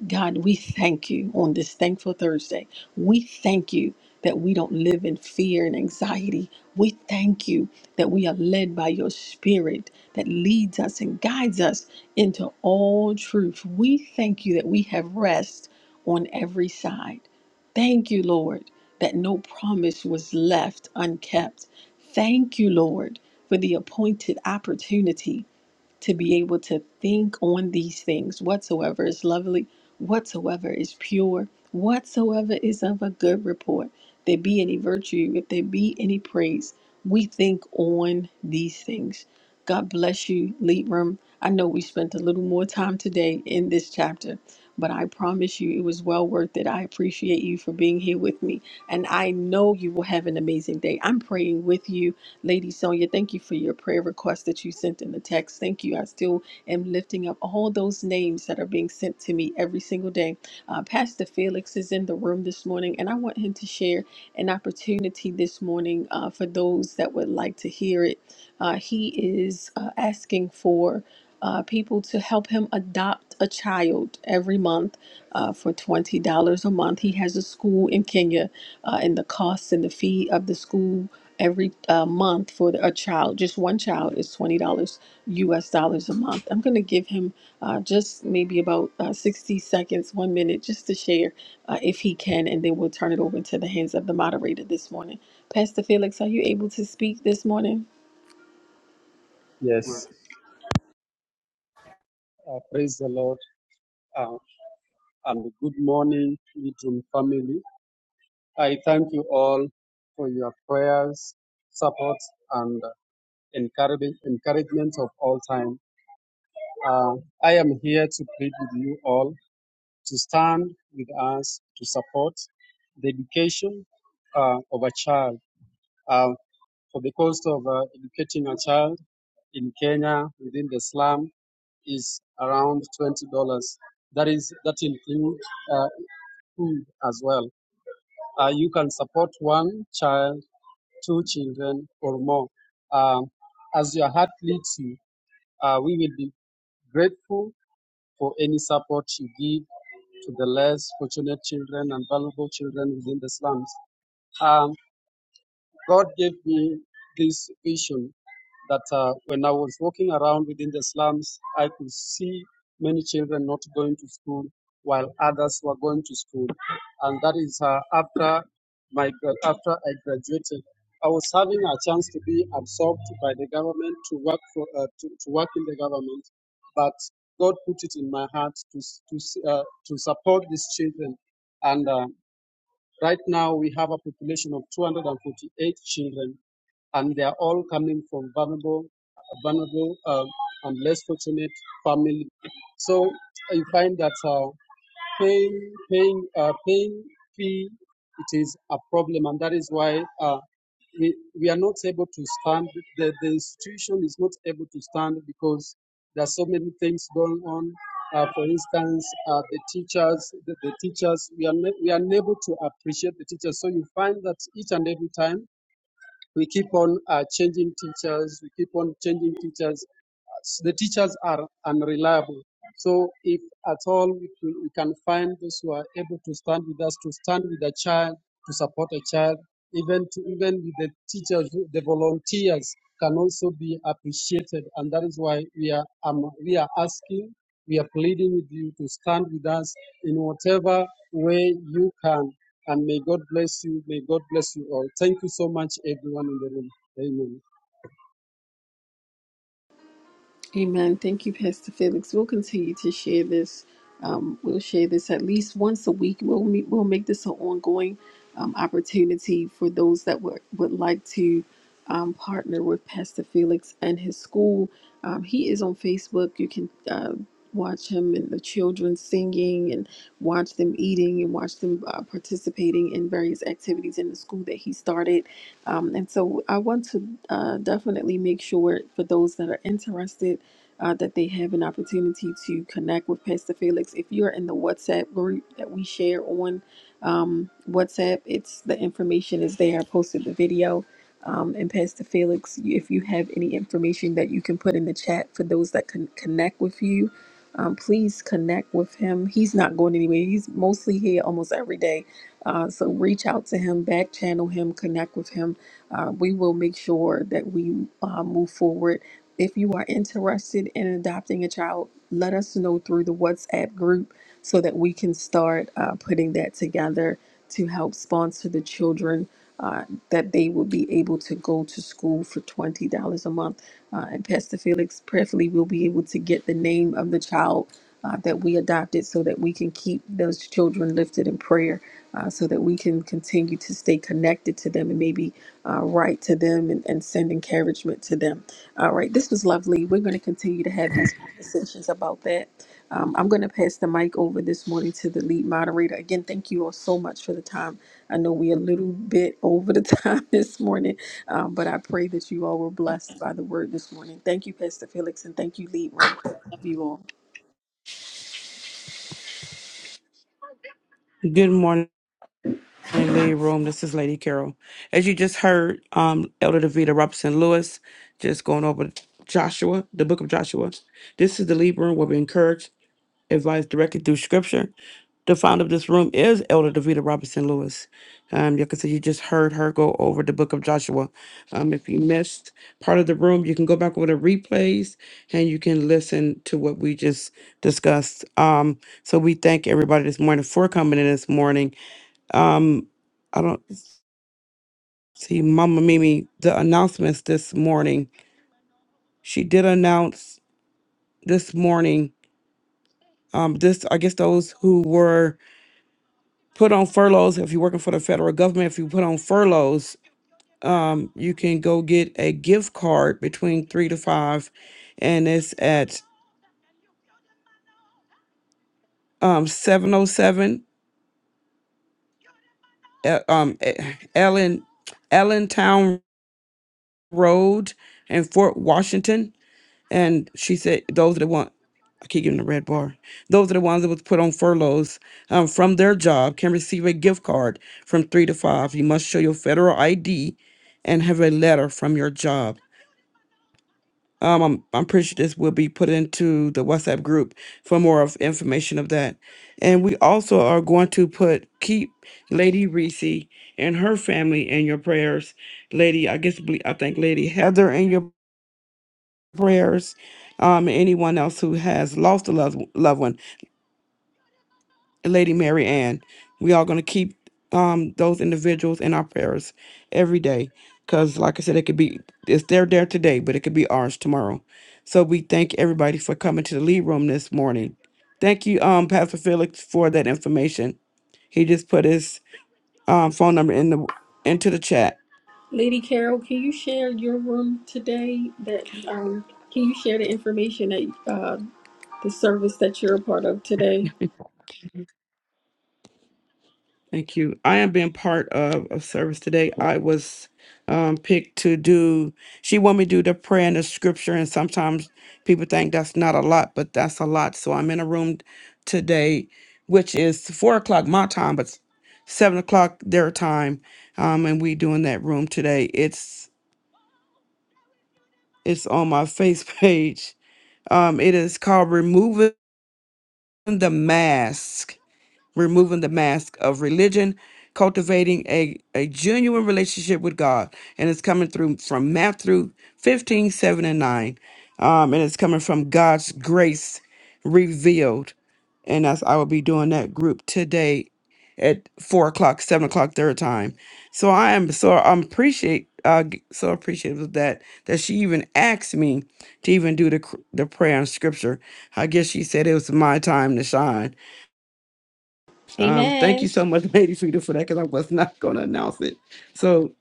S3: God, we thank you on this thankful Thursday. We thank you that we don't live in fear and anxiety. We thank you that we are led by your spirit that leads us and guides us into all truth. We thank you that we have rest on every side. Thank you, Lord, that no promise was left unkept. Thank you, Lord, for the appointed opportunity to be able to think on these things whatsoever is lovely, whatsoever is pure, whatsoever is of a good report, there be any virtue, if there be any praise, we think on these things. God bless you, Libram. I know we spent a little more time today in this chapter, but I promise you it was well worth it. I appreciate you for being here with me, and I know you will have an amazing day. I'm praying with you Lady Sonia, thank you for your prayer request that you sent in the text. Thank you. I still am lifting up all those names that are being sent to me every single day. Uh, Pastor Felix is in the room this morning, and I want him to share an opportunity this morning uh, for those that would like to hear it. Uh, he is uh, asking for uh, people to help him adopt a child every month uh, for $20 a month. He has a school in Kenya, uh, and the cost and the fee of the school every uh, month for the, a child, just one child, is twenty dollars U.S. dollars a month. I'm going to give him uh, just maybe about uh, sixty seconds, one minute, just to share uh, if he can, and then we'll turn it over to the hands of the moderator this morning. Pastor Felix, are you able to speak this morning?
S6: Yes, uh, praise the Lord, uh, and good morning, Little family. I thank you all for your prayers, support, and encouraging, encouragement of all time. Uh, I am here to plead with you all to stand with us to support the education uh, of a child. Uh, for the cost of uh, educating a child in Kenya within the slum is around twenty dollars. That is that includes uh, food as well. Uh, you can support one child, two children, or more. Um, as your heart leads you, uh, we will be grateful for any support you give to the less fortunate children and vulnerable children within the slums. Um, God gave me this vision that uh, when I was walking around within the slums, I could see many children not going to school while others were going to school. And that is uh, after my gra- after I graduated, I was having a chance to be absorbed by the government to work for uh, to, to work in the government, but God put it in my heart to s- to s- uh, to support these children, and. Uh, Right now, we have a population of 248 children, and they are all coming from vulnerable, vulnerable, uh, and less fortunate families. So you find that. Uh, paying paying uh, paying fee it is a problem and that is why uh, we, we are not able to stand the, the institution is not able to stand because there are so many things going on uh, for instance uh, the teachers the, the teachers we are ne- we are unable to appreciate the teachers so you find that each and every time we keep on uh, changing teachers. We keep on changing teachers. The teachers are unreliable. So if at all we, can- we can find those who are able to stand with us, to stand with a child, to support a child, even to, even with the teachers, who- the volunteers can also be appreciated, and that is why we are um, we are asking, we are pleading with you to stand with us in whatever way you can. And may God bless you. May God bless you all. Thank you so much, everyone in the room. Amen.
S3: Amen. Thank you, Pastor Felix. We'll continue to share this. Um, we'll share this at least once a week. We'll meet, we'll make this an ongoing um, opportunity for those that would would like to um, partner with Pastor Felix and his school. Um, he is on Facebook. You can uh, watch him and the children singing, and watch them eating, and watch them uh, participating in various activities in the school that he started. Um, and so, I want to uh, definitely make sure for those that are interested uh, that they have an opportunity to connect with Pastor Felix. If you're in the WhatsApp group that we share on um, WhatsApp, it's the information is there. I posted the video. Um, and Pastor Felix, if you have any information that you can put in the chat for those that can connect with you, um, please connect with him. He's not going anywhere. He's mostly here almost every day. Uh, so reach out to him, back channel him, connect with him. Uh, we will make sure that we uh, move forward if you are interested in adopting a child, let us know through the WhatsApp group so that we can start uh, putting that together to help sponsor the children uh, that they will be able to go to school for $20 a month. Uh, and Pastor Felix prayerfully will be able to get the name of the child uh, that we adopted so that we can keep those children lifted in prayer uh, so that we can continue to stay connected to them and maybe uh, write to them and, and send encouragement to them. All right, this was lovely. We're going to continue to have these conversations about that. Um, I'm going to pass the mic over this morning to the lead moderator. Again, thank you all so much for the time. I know we're a little bit over the time this morning, um, but I pray that you all were blessed by the word this morning. Thank you, Pastor Felix, and thank you, Lead Room. Love you all.
S4: Good morning, Lady Room. This is Lady Carol. As you just heard, um, Elder Davita Robinson Lewis just going over Joshua, the book of Joshua. This is the Lead Room where we encourage, advise directly through scripture. The founder of this room is Elder Davita Robinson Lewis. Um, you can see you just heard her go over the book of Joshua. Um, if you missed part of the room, you can go back over the replays and you can listen to what we just discussed. Um, so we thank everybody this morning for coming in this morning. Um, I don't see Mama Mimi the announcements this morning. She did announce this morning. Um, this I guess those who were put on furloughs if you're working for the federal government if you put on furloughs um, you can go get a gift card between three to five and it's at um, 707 uh, um, eh, allen allentown road in fort washington and she said those are the ones I keep giving the red bar. Those are the ones that was put on furloughs um, from their job can receive a gift card from three to five. You must show your federal ID and have a letter from your job. Um, I'm, I'm pretty sure this will be put into the WhatsApp group for more of information of that. And we also are going to put keep Lady Reese and her family in your prayers. Lady, I guess ble- I think Lady Heather in your prayers. Um, and anyone else who has lost a loved loved one Lady Mary Ann. We are going to keep um, those individuals in our prayers every day. Because, like I said, it could be, it's there, there today, but it could be ours tomorrow. So we thank everybody for coming to the lead room this morning. Thank you, um, Pastor Felix, for that information. He just put his um, phone number in the into the chat.
S3: Lady Carol, can you share your room today? That um, Can you share the information that uh, the service that you're a part of today?
S4: Thank you. I am being part of a service today. I was um, picked to do, she wanted me to do the prayer and the scripture, and sometimes people think that's not a lot, but that's a lot. So I'm in a room today, which is four o'clock my time, but s- seven o'clock their time. Um, and we doing that room today. It's it's on my face page. Um, it is called Removing the Mask removing the mask of religion, cultivating a, a genuine relationship with God. And it's coming through from Matthew 15, 7, and 9. Um, and it's coming from God's grace revealed. And that's, I will be doing that group today at four o'clock, seven o'clock their time. So I am so I'm appreciate uh g- so appreciative of that that she even asked me to even do the cr- the prayer and scripture. I guess she said it was my time to shine um, thank
S3: Amen.
S4: you so much, Lady Frida, for that because I was not going to announce it. So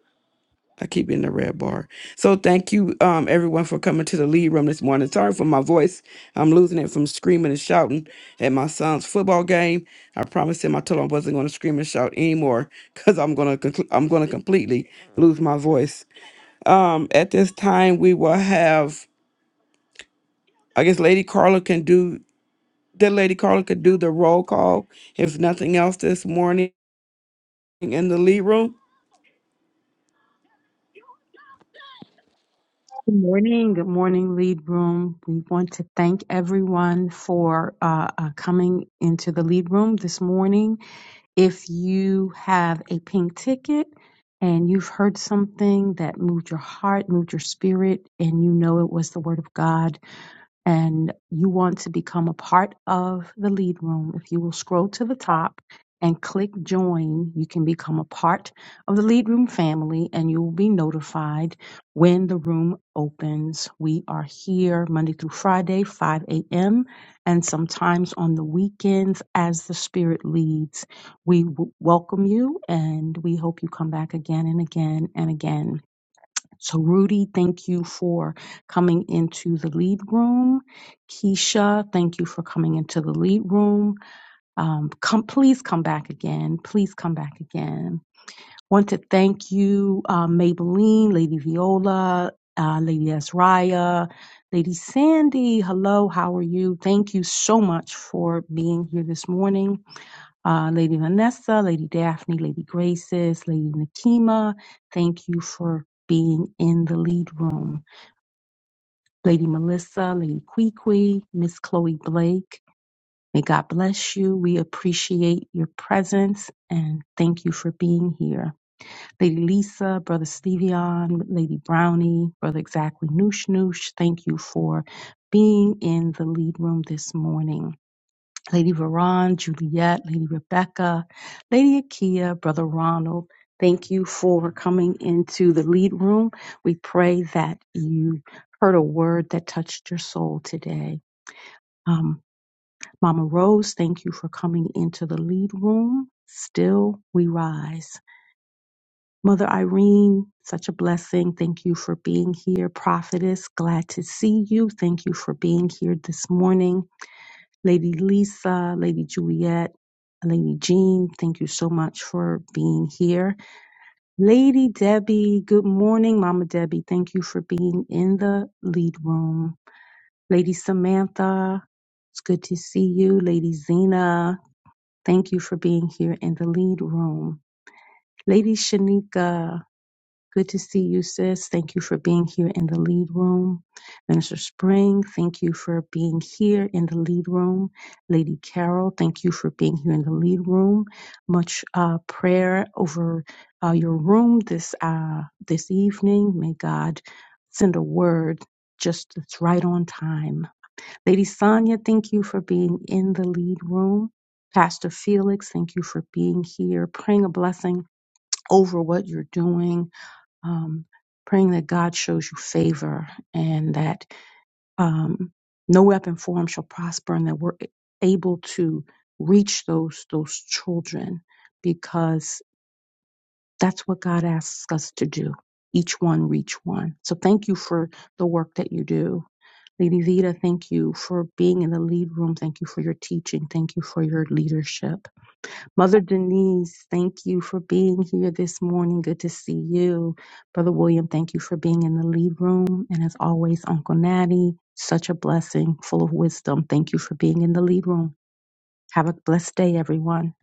S4: I keep it in the red bar. So thank you, um, everyone, for coming to the lead room this morning. Sorry for my voice. I'm losing it from screaming and shouting at my son's football game. I promised him I told him I wasn't going to scream and shout anymore because I'm going to conclu- I'm going to completely lose my voice. Um, at this time, we will have. I guess Lady Carla can do. That Lady Carla could do the roll call if nothing else this morning in the lead room.
S17: Good morning. Good morning, Lead Room. We want to thank everyone for uh, uh, coming into the Lead Room this morning. If you have a pink ticket and you've heard something that moved your heart, moved your spirit, and you know it was the Word of God, and you want to become a part of the lead room, if you will scroll to the top and click join, you can become a part of the lead room family and you will be notified when the room opens. We are here Monday through Friday, 5 a.m., and sometimes on the weekends as the Spirit leads. We w- welcome you and we hope you come back again and again and again. So, Rudy, thank you for coming into the lead room. Keisha, thank you for coming into the lead room. Um, come, please come back again. Please come back again. Want to thank you, uh, Maybelline, Lady Viola, uh, Lady Azraya, Lady Sandy. Hello, how are you? Thank you so much for being here this morning uh, Lady Vanessa, Lady Daphne, Lady Graces, Lady Nakima. Thank you for being in the lead room. Lady Melissa, Lady Kwee, Miss Chloe Blake, may God bless you. We appreciate your presence and thank you for being here. Lady Lisa, Brother Stevion, Lady Brownie, Brother Exactly Noosh Noosh, thank you for being in the lead room this morning. Lady Veron, Juliet, Lady Rebecca, Lady Akia, Brother Ronald. Thank you for coming into the lead room. We pray that you heard a word that touched your soul today. Um, Mama Rose, thank you for coming into the lead room. Still, we rise. Mother Irene, such a blessing. Thank you for being here. Prophetess, glad to see you. Thank you for being here this morning. Lady Lisa, Lady Juliet, Lady Jean, thank you so much for being here. Lady Debbie, good morning, Mama Debbie. Thank you for being in the lead room. Lady Samantha, it's good to see you. Lady Zena, thank you for being here in the lead room. Lady Shanika, Good to see you, sis. Thank you for being here in the lead room. Minister Spring, thank you for being here in the lead room. Lady Carol, thank you for being here in the lead room. Much uh, prayer over uh, your room this uh, this evening. May God send a word just that's right on time. Lady Sonia, thank you for being in the lead room. Pastor Felix, thank you for being here, praying a blessing over what you're doing um, praying that God shows you favor and that um, no weapon formed shall prosper, and that we're able to reach those those children because that's what God asks us to do. Each one reach one. So thank you for the work that you do. Lady Vita, thank you for being in the lead room. Thank you for your teaching. Thank you for your leadership. Mother Denise, thank you for being here this morning. Good to see you. Brother William, thank you for being in the lead room. And as always, Uncle Natty, such a blessing, full of wisdom. Thank you for being in the lead room. Have a blessed day, everyone.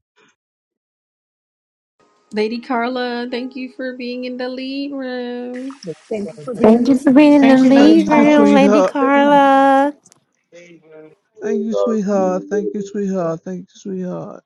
S3: Lady Carla, thank you for being in the lead room.
S1: Thank
S18: Thank
S1: you,
S18: you
S1: Father.
S18: for
S1: Thank
S18: being on
S16: Thank
S18: the
S16: you for
S1: you
S16: being
S1: for
S16: in
S18: meeting.
S1: the
S16: the
S12: Thank you, ladies.
S16: lead
S19: Thank you,
S12: Thankful
S16: room, Lady
S19: sweetheart.
S16: Carla.
S19: Thank
S7: And,
S19: you,
S7: uh, you
S19: sweetheart.
S7: know,
S19: Thank you,
S7: really, uh,
S19: sweetheart. Thank you, sweetheart.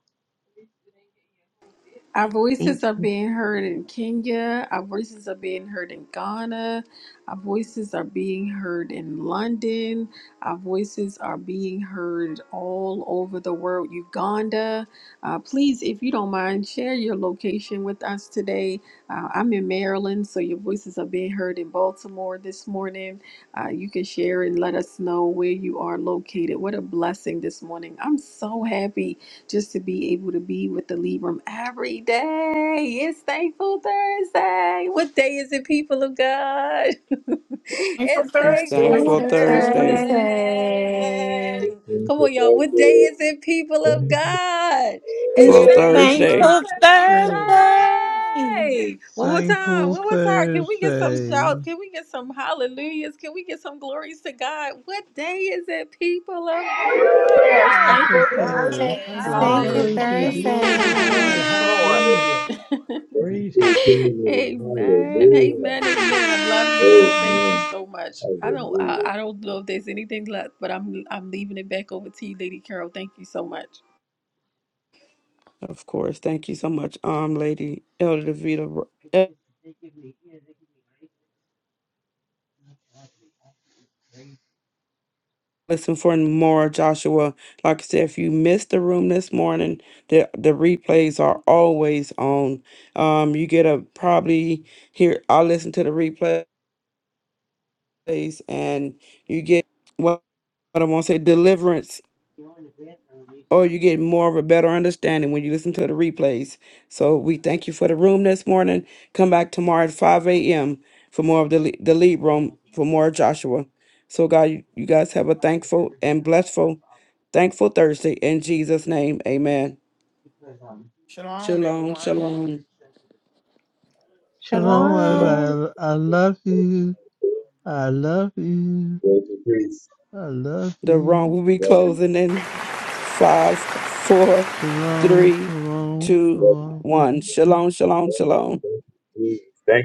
S3: Our
S17: Thank
S3: voices are
S17: you.
S3: being heard in Kenya. Our voices are being heard in Ghana. Our voices are being heard in London. Our voices are being heard all over the world, Uganda. Uh, please, if you don't mind, share your location with us today. Uh, I'm in Maryland, so your voices are being heard in Baltimore this morning. Uh, you can share and let us know where you are located. What a blessing this morning. I'm so happy just to be able to be with the lead room every day. It's Thankful Thursday. What day is it, people of God? It's
S4: It's
S3: Thankful
S12: Thursday.
S16: Thanks
S4: thankful
S16: for
S1: Thankful
S4: Thursday.
S17: Blessed.
S3: Thursday.
S16: Thursday.
S7: Thank
S3: Come
S7: you,
S3: on, y'all.
S7: thank
S3: What day
S7: you,
S3: is it, people of
S7: thank you,
S3: God? It's
S4: Full
S16: It's
S3: Thankful
S4: Thursday.
S16: Thankful
S1: Thursday.
S16: Thursday.
S3: Thursday. One more time.
S19: Thankful
S3: One more time. Can we get some
S19: Thursday.
S3: shouts? Can we get some hallelujahs? Can we get some glories to God? What day is it, people of God?
S19: Thankful
S12: Thankful Thursday.
S16: It's
S1: Thankful
S16: Thankful
S19: Thursday.
S1: Thursday.
S12: Hallelujah.
S1: Glory to
S7: Lord.
S16: Thursday.
S1: God.
S12: Thank you, Lord.
S1: Hallelujah.
S7: thank
S1: Praise
S7: you,
S1: God.
S7: Jesus. Hallelujah. Amen. Hallelujah.
S4: Of course. Thank you so much, um, Lady Elder Davita. Listen for more, Joshua. Like I said, if you missed the room this morning, the the replays are always on. Um, you get a probably here. I listen to the replays, and you get what, what I want to say deliverance or you get more of a better understanding when you listen to the replays. So we thank you for the room this morning. Come back tomorrow at 5 a.m. for more of the, le- the lead room for more of Joshua. So God, you you guys have a thankful and blessful, thankful Thursday in Jesus' name. Amen.
S12: Shalom,
S4: Shalom,
S12: everyone.
S4: shalom.
S1: You
S19: Shalom,
S1: know.
S7: Shalom.
S18: Shalom.
S16: Shalom.
S19: everybody. I I love you. I love you.
S7: Thank you, Jesus.
S19: I love
S4: The room
S19: you.
S4: will be
S7: Love you.
S12: Shalom.
S4: closing in five, four,
S19: Shalom,
S4: three,
S19: shalom,
S4: two,
S7: Love
S19: shalom.
S4: one. Shalom, shalom,
S7: you.
S4: shalom.
S7: Love you. Thank you, Jesus. Thank